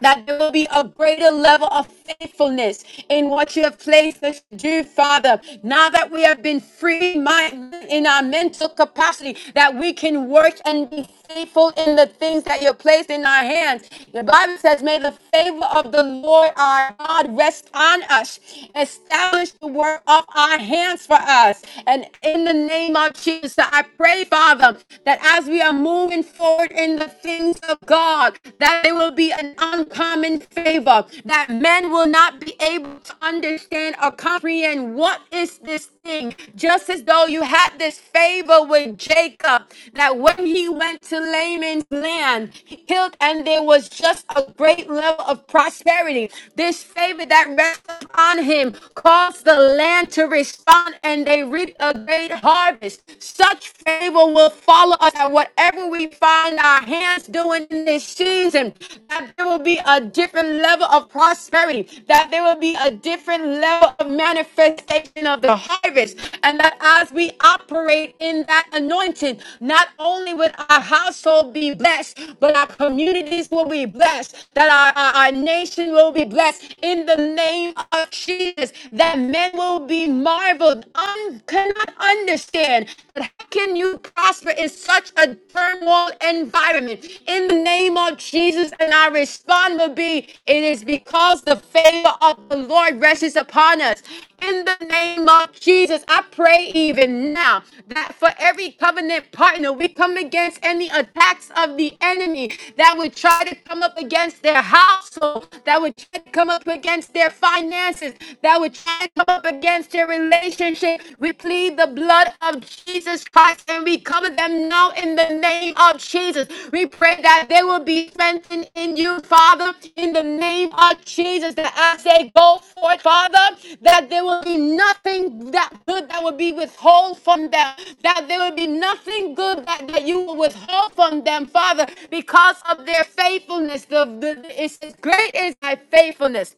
that there will be a greater level of faithfulness in what you have placed us to do, Father. Now that we have been free mind in our mental capacity, that we can work and be faithful in the things that you placed in our hands. The Bible says, May the favor of the Lord our God rest on us. Establish the work of our hands for us. And in the name of Jesus, I pray, Father, that as we are moving forward in the things of God, that there will be an uncommon favor, that men will not be able to understand or comprehend what is this thing. Just as though you had this favor with Jacob, that when he went to Laman's land, he killed, and there was just a great level of prosperity. This favor that rested upon him caused the land to respond, and they reaped a great harvest. Such favor will follow us at whatever we find our hands doing in this season, that there will be a different level of prosperity, that there will be a different level of manifestation of the harvest, and that as we operate in that anointing, not only would our household be blessed, but our communities will be blessed, that our, our, our nation will be blessed in the name of Jesus, that men will be marveled, unconnected understand that how can you prosper in such a turmoil environment? In the name of Jesus, and our response will be, it is because the favor of the Lord rests upon us. In the name of Jesus, I pray even now that for every covenant partner, we come against any attacks of the enemy that would try to come up against their household, that would try to come up against their finances, that would try to come up against your relationship, we plead the blood of Jesus Christ and we cover them now in the name of Jesus. We pray that they will be strengthened in you, Father, in the name of Jesus. That as they go forth, Father, that there will be nothing that good that will be withheld from them, that there will be nothing good that, that you will withhold from them, Father, because of their faithfulness. The, the, it's great is my faithfulness.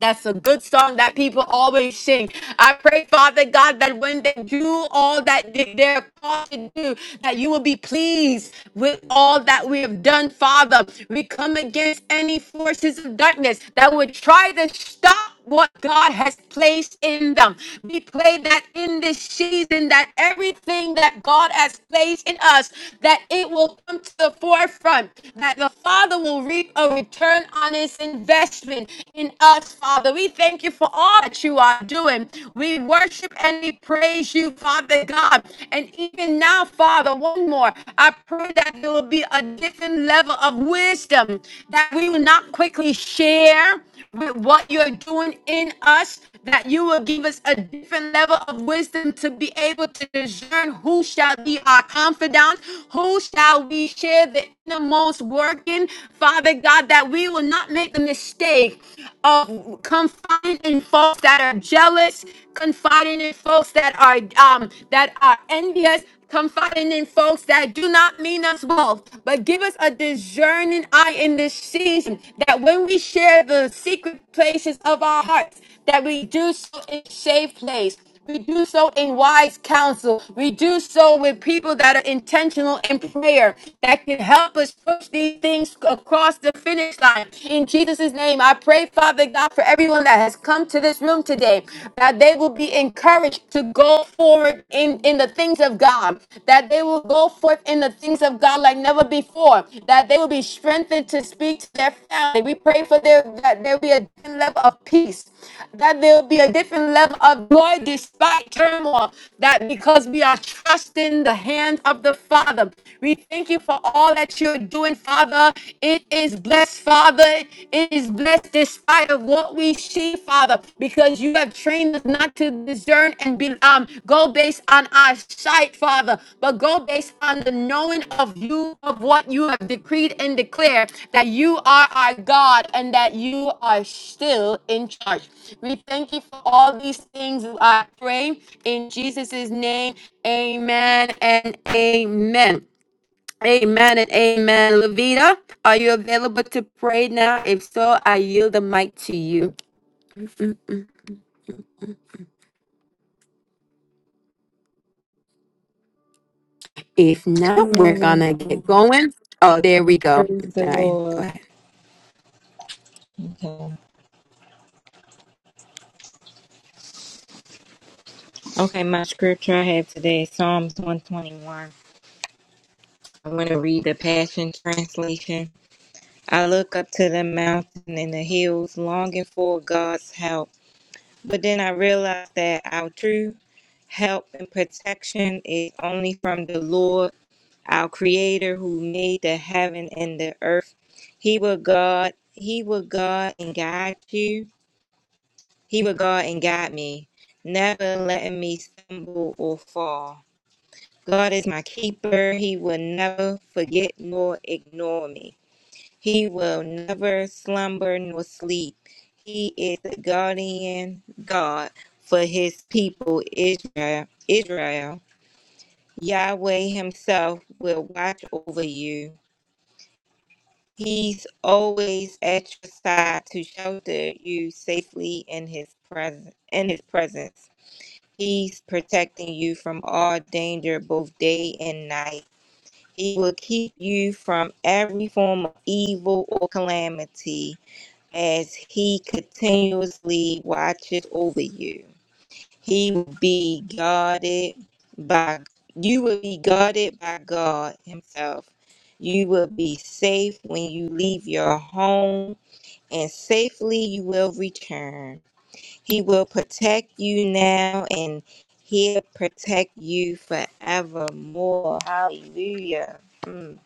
That's a good song that people always sing. I pray, Father God, that when they do all that they- they're called to do, that you will be pleased with all that we have done, Father. We come against any forces of darkness that would try to stop what God has placed in them. We pray that in this season, that everything that God has placed in us, that it will come to the forefront, that the Father will reap a return on his investment in us, Father. We thank you for all that you are doing. We worship and we praise you, Father God. And even now, Father, one more. I pray that there will be a different level of wisdom wisdom that we will not quickly share with what you're doing in us, that you will give us a different level of wisdom to be able to discern who shall be our confidant, who shall we share the innermost working, Father God, that we will not make the mistake of confiding in folks that are jealous, confiding in folks that are um that are envious, confiding in folks that do not mean us well, but give us a discerning eye in this season that when we share the secret places of our hearts, that we do so in safe place. We do so in wise counsel. We do so with people that are intentional in prayer that can help us push these things across the finish line. In Jesus' name, I pray, Father God, for everyone that has come to this room today that they will be encouraged to go forward in, in the things of God, that they will go forth in the things of God like never before, that they will be strengthened to speak to their family. We pray for their that there be a different level of peace, that there will be a different level of joy despite turmoil, that because we are trusting the hand of the Father. We thank you for all that you're doing, Father. It is blessed, Father. Father, it is blessed despite of what we see, Father, because you have trained us not to discern and be um go based on our sight, Father, but go based on the knowing of you of what you have decreed and declared that you are our God and that you are still in charge. We thank you for all these things. I pray in Jesus' name. Amen and amen. Amen and amen. Levita, are you available to pray now? If so, I yield the mic to you. If not,
Good
we're
morning.
gonna get
Um,
going. Oh, there we go.
praise
All
the
right,
Lord.
go
Okay. okay, my scripture I have today is Psalms 121. I want to read the Passion Translation. I look up to the mountain and the hills, longing for God's help. But then I realize that our true help and protection is only from the Lord, our Creator, who made the heaven and the earth. He will God. He will God and guide you. He would guard and guide me, never letting me stumble or fall. God is my keeper. He will never forget nor ignore me. He will never slumber nor sleep. He is the guardian God for his people, Israel. Israel. Yahweh himself will watch over you. He's always at your side to shelter you safely in his presence in his presence. He's protecting you from all danger, both day and night. He will keep you from every form of evil or calamity as He continuously watches over you. He will be guarded by you will be guarded by God Himself. You will be safe when you leave your home, and safely you will return. He will protect you now and he'll protect you forevermore. Hallelujah. Mm.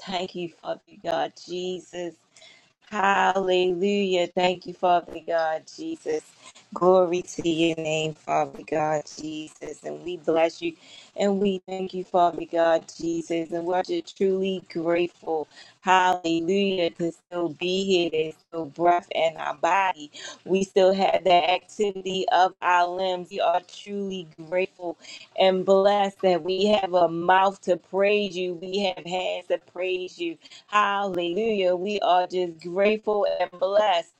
Thank you, Father God Jesus. Hallelujah. Thank you, Father God, Jesus. Glory to your name, Father God, Jesus. And we bless you and we thank you, Father God, Jesus. And we're just truly grateful, hallelujah, to still be here. There's still breath in our body. We still have the activity of our limbs. We are truly grateful and blessed that we have a mouth to praise you. We have hands to praise you. Hallelujah. We are just grateful and blessed.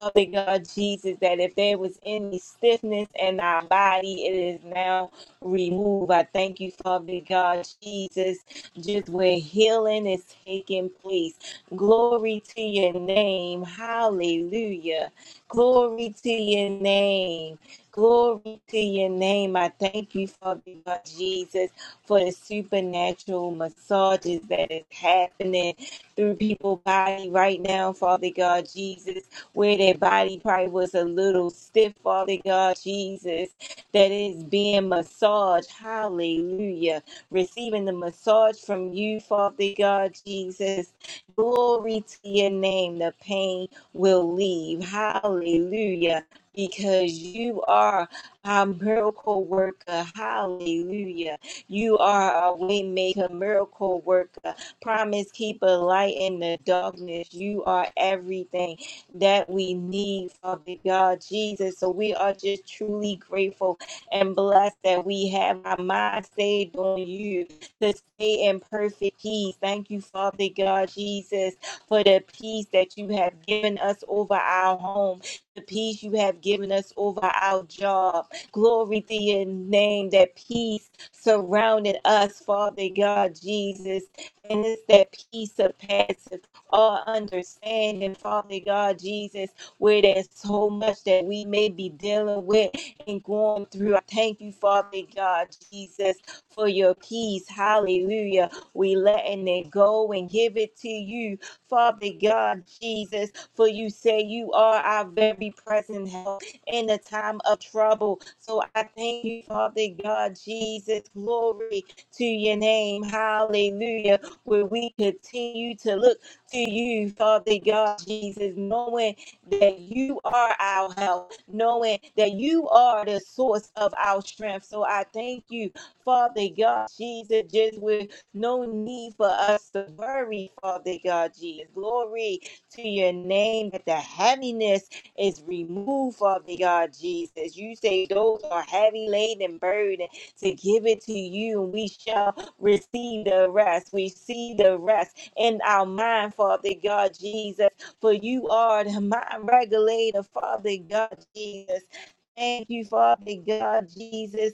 Father God Jesus, that if there was any stiffness in our body, it is now removed. I thank you, Father God Jesus, just where healing is taking place. Glory to your name. Hallelujah. Glory to your name. Glory to your name. I thank you, Father God Jesus, for the supernatural massages that is happening through people's body right now, Father God Jesus, where their body probably was a little stiff, Father God Jesus, that is being massaged. Hallelujah. Receiving the massage from you, Father God Jesus. Glory to your name. The pain will leave. Hallelujah. Because you are a miracle worker. Hallelujah. You are a way maker, miracle worker promise keeper, light in the darkness. You are everything that we need, Father God, Jesus. So we are just truly grateful and blessed that we have our mind stayed on you to stay in perfect peace. Thank you, Father God, Jesus, for the peace that you have given us over our home, the peace you have given us over our job. Glory to your name, that peace surrounded us, Father God, Jesus. And it's that peace of passive all understanding, Father God, Jesus, where there's so much that we may be dealing with and going through. I thank you, Father God, Jesus, for your peace. Hallelujah. We letting it go and give it to you, Father God, Jesus, for you say you are our very present help in the time of trouble. So I thank you, Father God, Jesus. Glory to your name. Hallelujah where we continue to look to you, Father God, Jesus, knowing that you are our help, knowing that you are the source of our strength. So I thank you, Father God, Jesus, just with no need for us to worry, Father God, Jesus. Glory to your name that the heaviness is removed, Father God, Jesus. You say those are heavy laden burden to give it to you, and we shall receive the rest. We see the rest in our mind, Father God Jesus. For you are the mind regulator, Father God Jesus. Thank you, Father God Jesus,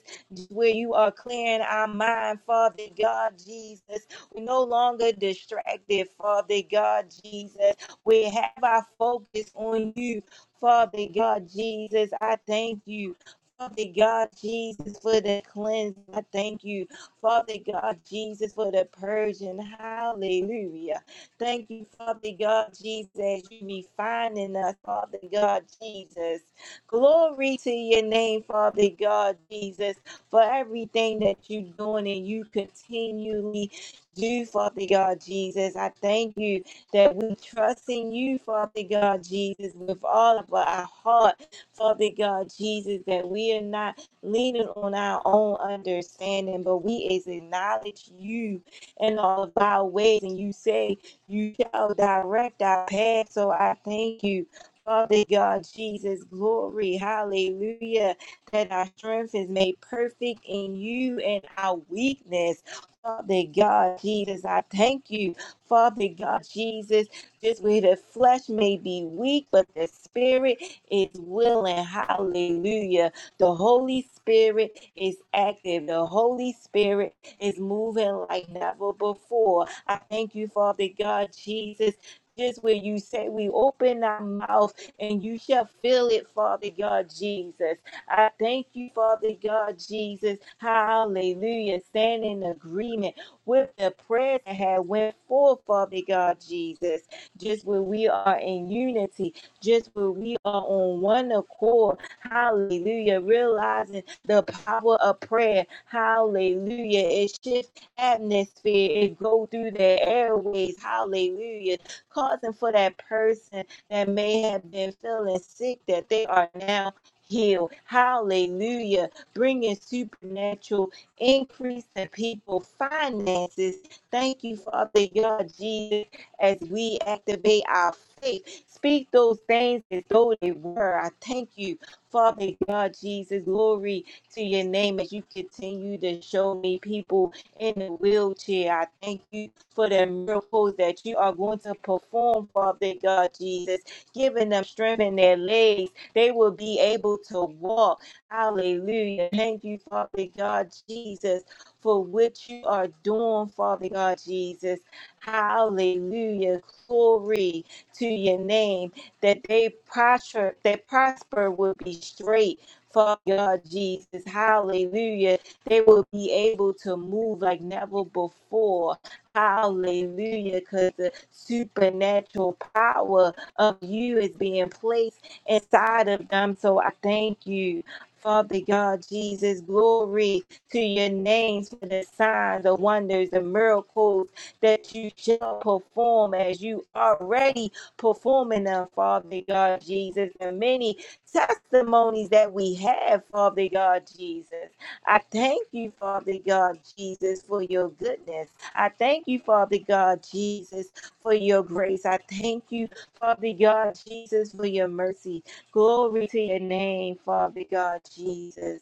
where you are clearing our mind, Father God Jesus. We're no longer distracted, Father God Jesus. We have our focus on you, Father God Jesus. I thank you. Father God Jesus for the cleanse. I thank you. Father God, Jesus, for the purging. Hallelujah. Thank you, Father God, Jesus, as you refining us, Father God, Jesus. Glory to your name, Father God, Jesus, for everything that you're doing and you continually do, Father God, Jesus. I thank you that we trust in you, Father God, Jesus, with all of our heart, Father God, Jesus, that we are not leaning on our own understanding, but we is acknowledge you in all of our ways, and you say you shall direct our path. So I thank you. Father God, Jesus, glory, hallelujah, that our strength is made perfect in you and our weakness. Father God, Jesus, I thank you. Father God, Jesus, just where the flesh may be weak, but the spirit is willing. Hallelujah. The Holy Spirit is active. The Holy Spirit is moving like never before. I thank you, Father God, Jesus. Just where you say we open our mouth and you shall fill it, Father God Jesus. I thank you, Father God Jesus. Hallelujah. Stand in agreement with the prayers that have went forth, Father God Jesus. Just where we are in unity, just where we are on one accord, Hallelujah. Realizing the power of prayer. Hallelujah. It shifts atmosphere. It go through their airways. Hallelujah. Causing for that person that may have been feeling sick that they are now healed. Hallelujah. Bringing supernatural increase to people finances. Thank you, Father God, Jesus, as we activate our faith. Speak those things as though they were. I thank you. Father God, Jesus, glory to your name as you continue to show me people in the wheelchair. I thank you for the miracles that you are going to perform, Father God, Jesus, giving them strength in their legs. They will be able to walk. Hallelujah. Thank you, Father God, Jesus, for what you are doing, Father God, Jesus. Hallelujah. Glory to your name that they prosper, that prosper will be straight. Fuck God, Jesus, hallelujah. They will be able to move like never before. Hallelujah. Because the supernatural power of you is being placed inside of them. So I thank you. Father God, Jesus, glory to your names for the signs, the wonders, the miracles that you shall perform as you already performing them, Father God Jesus, and many testimonies that we have, Father God Jesus. I thank you, Father God Jesus, for your goodness. I thank you, Father God Jesus, for your grace. I thank you, Father God Jesus, for your mercy. Glory to your name, Father God Jesus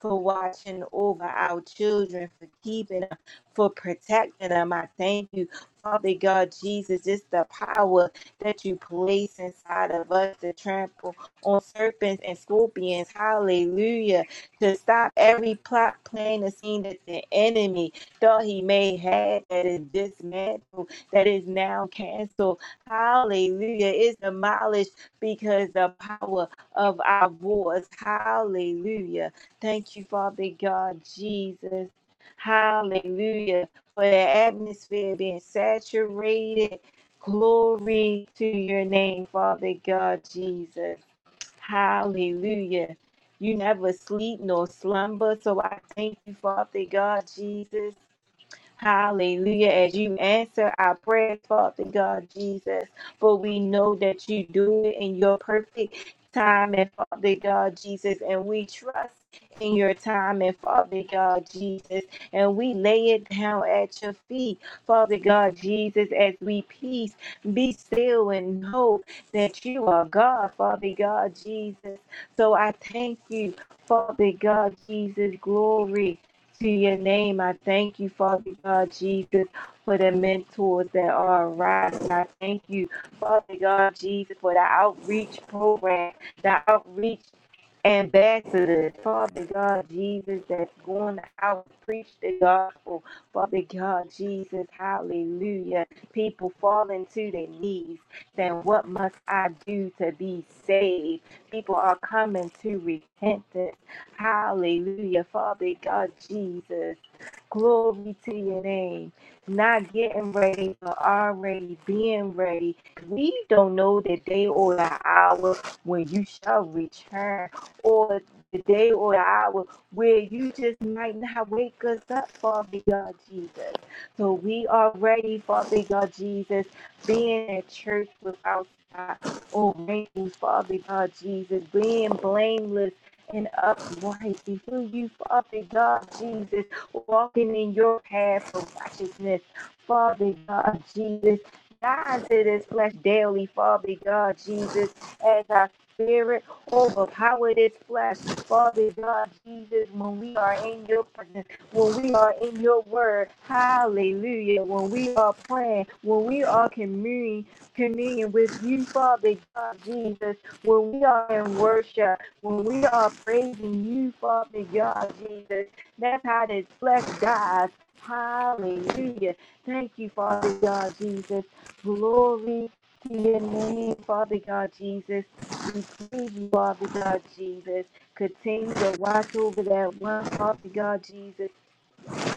for watching over our children, for keeping them, for protecting them. I thank you, Father God, Jesus, just the power that you place inside of us to trample on serpents and scorpions. Hallelujah. To stop every plot, plan, and scene that the enemy thought he may have that is dismantled, that is now canceled. Hallelujah. It's demolished because the power of our voice. Hallelujah Thank you, Father God, Jesus. Hallelujah. For the atmosphere being saturated. Glory to your name, Father God, Jesus. Hallelujah. You never sleep nor slumber. So I thank you, Father God, Jesus. Hallelujah. As you answer our prayers, Father God Jesus, for we know that you do it in your perfect time and Father God Jesus, and we trust in your time and Father God Jesus, and we lay it down at your feet, Father God Jesus, as we peace, be still and know that you are God, Father God Jesus. So I thank you, Father God Jesus, glory to your name. I thank you, Father God, Jesus, for the mentors that are arising. I thank you, Father God, Jesus, for the outreach program, the outreach ambassadors, Father God, Jesus, that's going out to preach the gospel. Father God, Jesus, hallelujah. People falling to their knees, saying, What must I do to be saved? People are coming to repentance. Hallelujah, Father God Jesus. Glory to your name. Not getting ready, but already being ready. We don't know the day or the hour when you shall return, or the day or the hour where you just might not wake us up, Father God Jesus. So we are ready, Father God Jesus, being at church without spot or wrinkles, Father God Jesus, being blameless and upright before you, Father God, Jesus, walking in your path of righteousness, Father God, Jesus. Die to this flesh daily, Father God, Jesus, as our spirit overpower this flesh, Father God, Jesus, when we are in your presence, when we are in your word, hallelujah, when we are praying, when we are communing, communion with you, Father God, Jesus, when we are in worship, when we are praising you, Father God, Jesus, that's how the flesh dies. Hallelujah. Thank you, Father God, Jesus. Glory to your name, Father God, Jesus. We praise you, Father God, Jesus. Continue to watch over that one, Father God, Jesus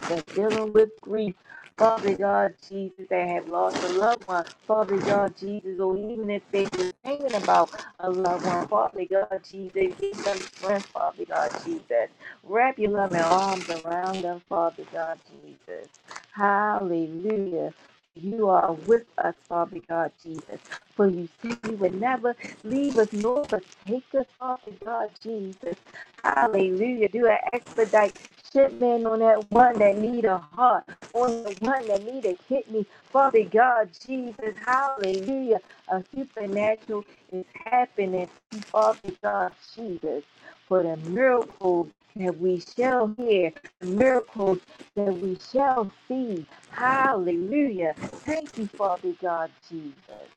that's dealing with grief. Father God, Jesus, that have lost a loved one. Father God, Jesus, or even if they were thinking about a loved one. Father God, Jesus, give them strength, Father God, Jesus. Wrap your loving arms around them, Father God, Jesus. Hallelujah. You are with us, Father God, Jesus. For you said you would never leave us nor forsake us, Father God, Jesus. Hallelujah. Do an expedite Shitman on that one that need a heart, on the one that need a kidney. Father God, Jesus, hallelujah. A supernatural is happening, Father God, Jesus, for the miracles that we shall hear, the miracles that we shall see. Hallelujah. Thank you, Father God, Jesus.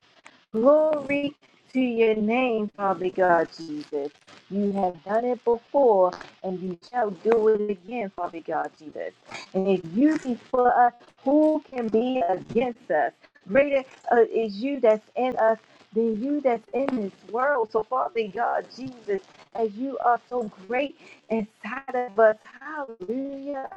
Glory to your name, Father God Jesus. You have done it before and you shall do it again, Father God Jesus. And if you be for us, who can be against us? Greater uh, is you that's in us than you that's in this world. So, Father God Jesus, as you are so great inside of us, hallelujah.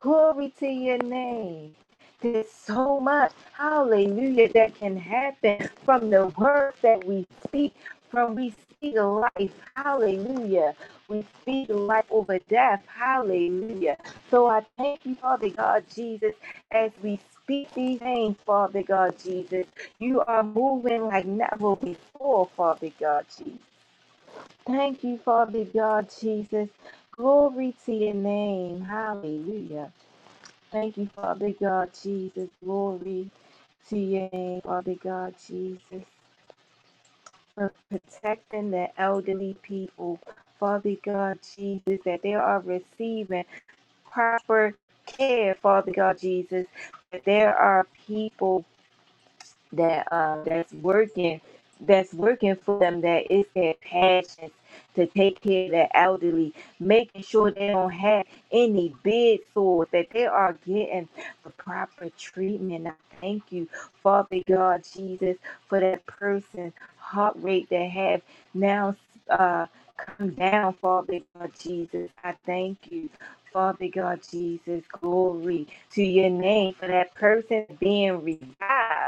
Glory to your name. There's so much, hallelujah, that can happen from the words that we speak. From we speak life, hallelujah. We speak life over death, hallelujah. So I thank you, Father God Jesus, as we speak these things, Father God Jesus. You are moving like never before, Father God Jesus. Thank you, Father God Jesus. Glory to your name, hallelujah. Thank you, Father God, Jesus. Glory to your name, Father God, Jesus, for protecting the elderly people, Father God, Jesus, that they are receiving proper care, Father God, Jesus, that there are people that uh, that's working that's working for them that is their passion to take care of the elderly, making sure they don't have any bed sores, that they are getting the proper treatment. I thank you, Father God Jesus, for that person heart rate that have now uh, come down, Father God Jesus. I thank you. Father God Jesus, glory to your name for that person being revived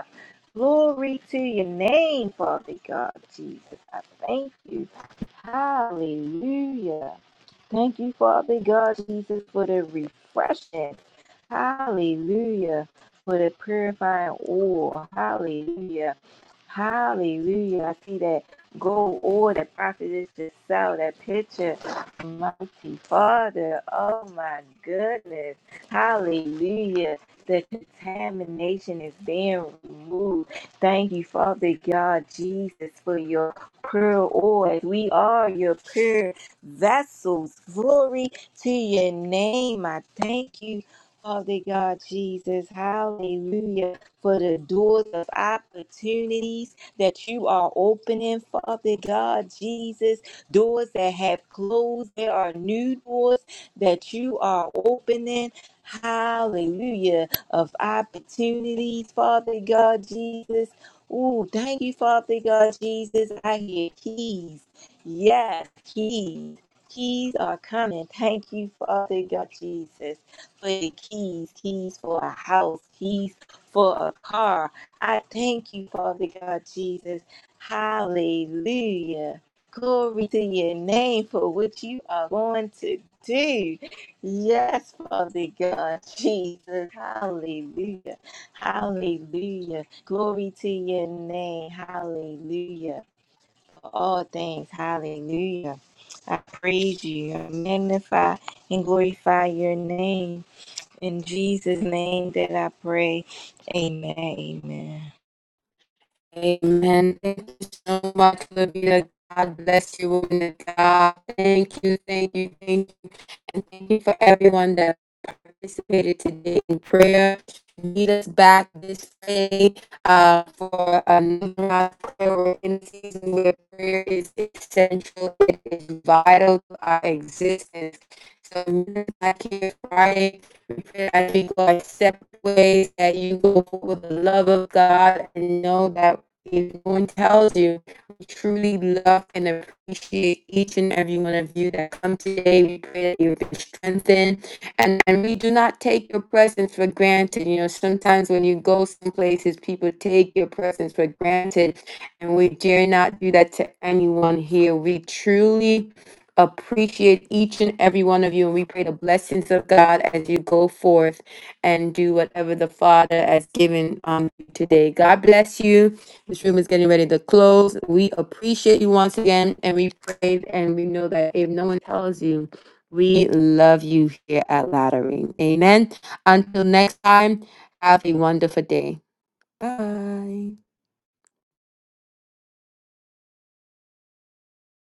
Glory to your name, Father God, Jesus. I thank you. Hallelujah. Thank you, Father God, Jesus, for the refreshing. Hallelujah. For the purifying oil. Hallelujah. Hallelujah. I see that gold oil that prophetess just saw, that picture. Mighty Father. Oh my goodness. Hallelujah. The contamination is being removed. Thank you, Father God, Jesus, for your pure oil. We are your pure vessels. Glory to your name. I thank you, Father God Jesus. Hallelujah. For the doors of opportunities that you are opening, Father God Jesus. Doors that have closed. There are new doors that you are opening. Hallelujah. Of opportunities, Father God Jesus. Ooh, thank you, Father God Jesus. I hear keys. Yes, keys. Keys are coming. Thank you, Father God Jesus, for the keys. Keys for a house. Keys for a car. I thank you, Father God Jesus. Hallelujah. Glory to your name for what you are going to do. Yes, Father God Jesus. Hallelujah. Hallelujah. Glory to your name. Hallelujah all things. Hallelujah. I praise you. I magnify and glorify your name. In Jesus' name that I pray. Amen. Amen.
ahead. we're in a season where prayer is essential, it is vital to our existence. So, men like here Friday, we pray as we go our separate ways, that you go with the love of God and know that if no one tells you, we truly love and appreciate each and every one of you that come today. We pray that you've been strengthened and, and we do not take your presence for granted. You know, sometimes when you go some places, people take your presence for granted. And we dare not do that to anyone here. We truly appreciate each and every one of you. And we pray the blessings of God as you go forth and do whatever the Father has given um, you today. God bless you. This room is getting ready to close. We appreciate you once again. And we pray and we know that if no one tells you, we love you here at Laddering. Amen. Until next time, have a wonderful day. Bye.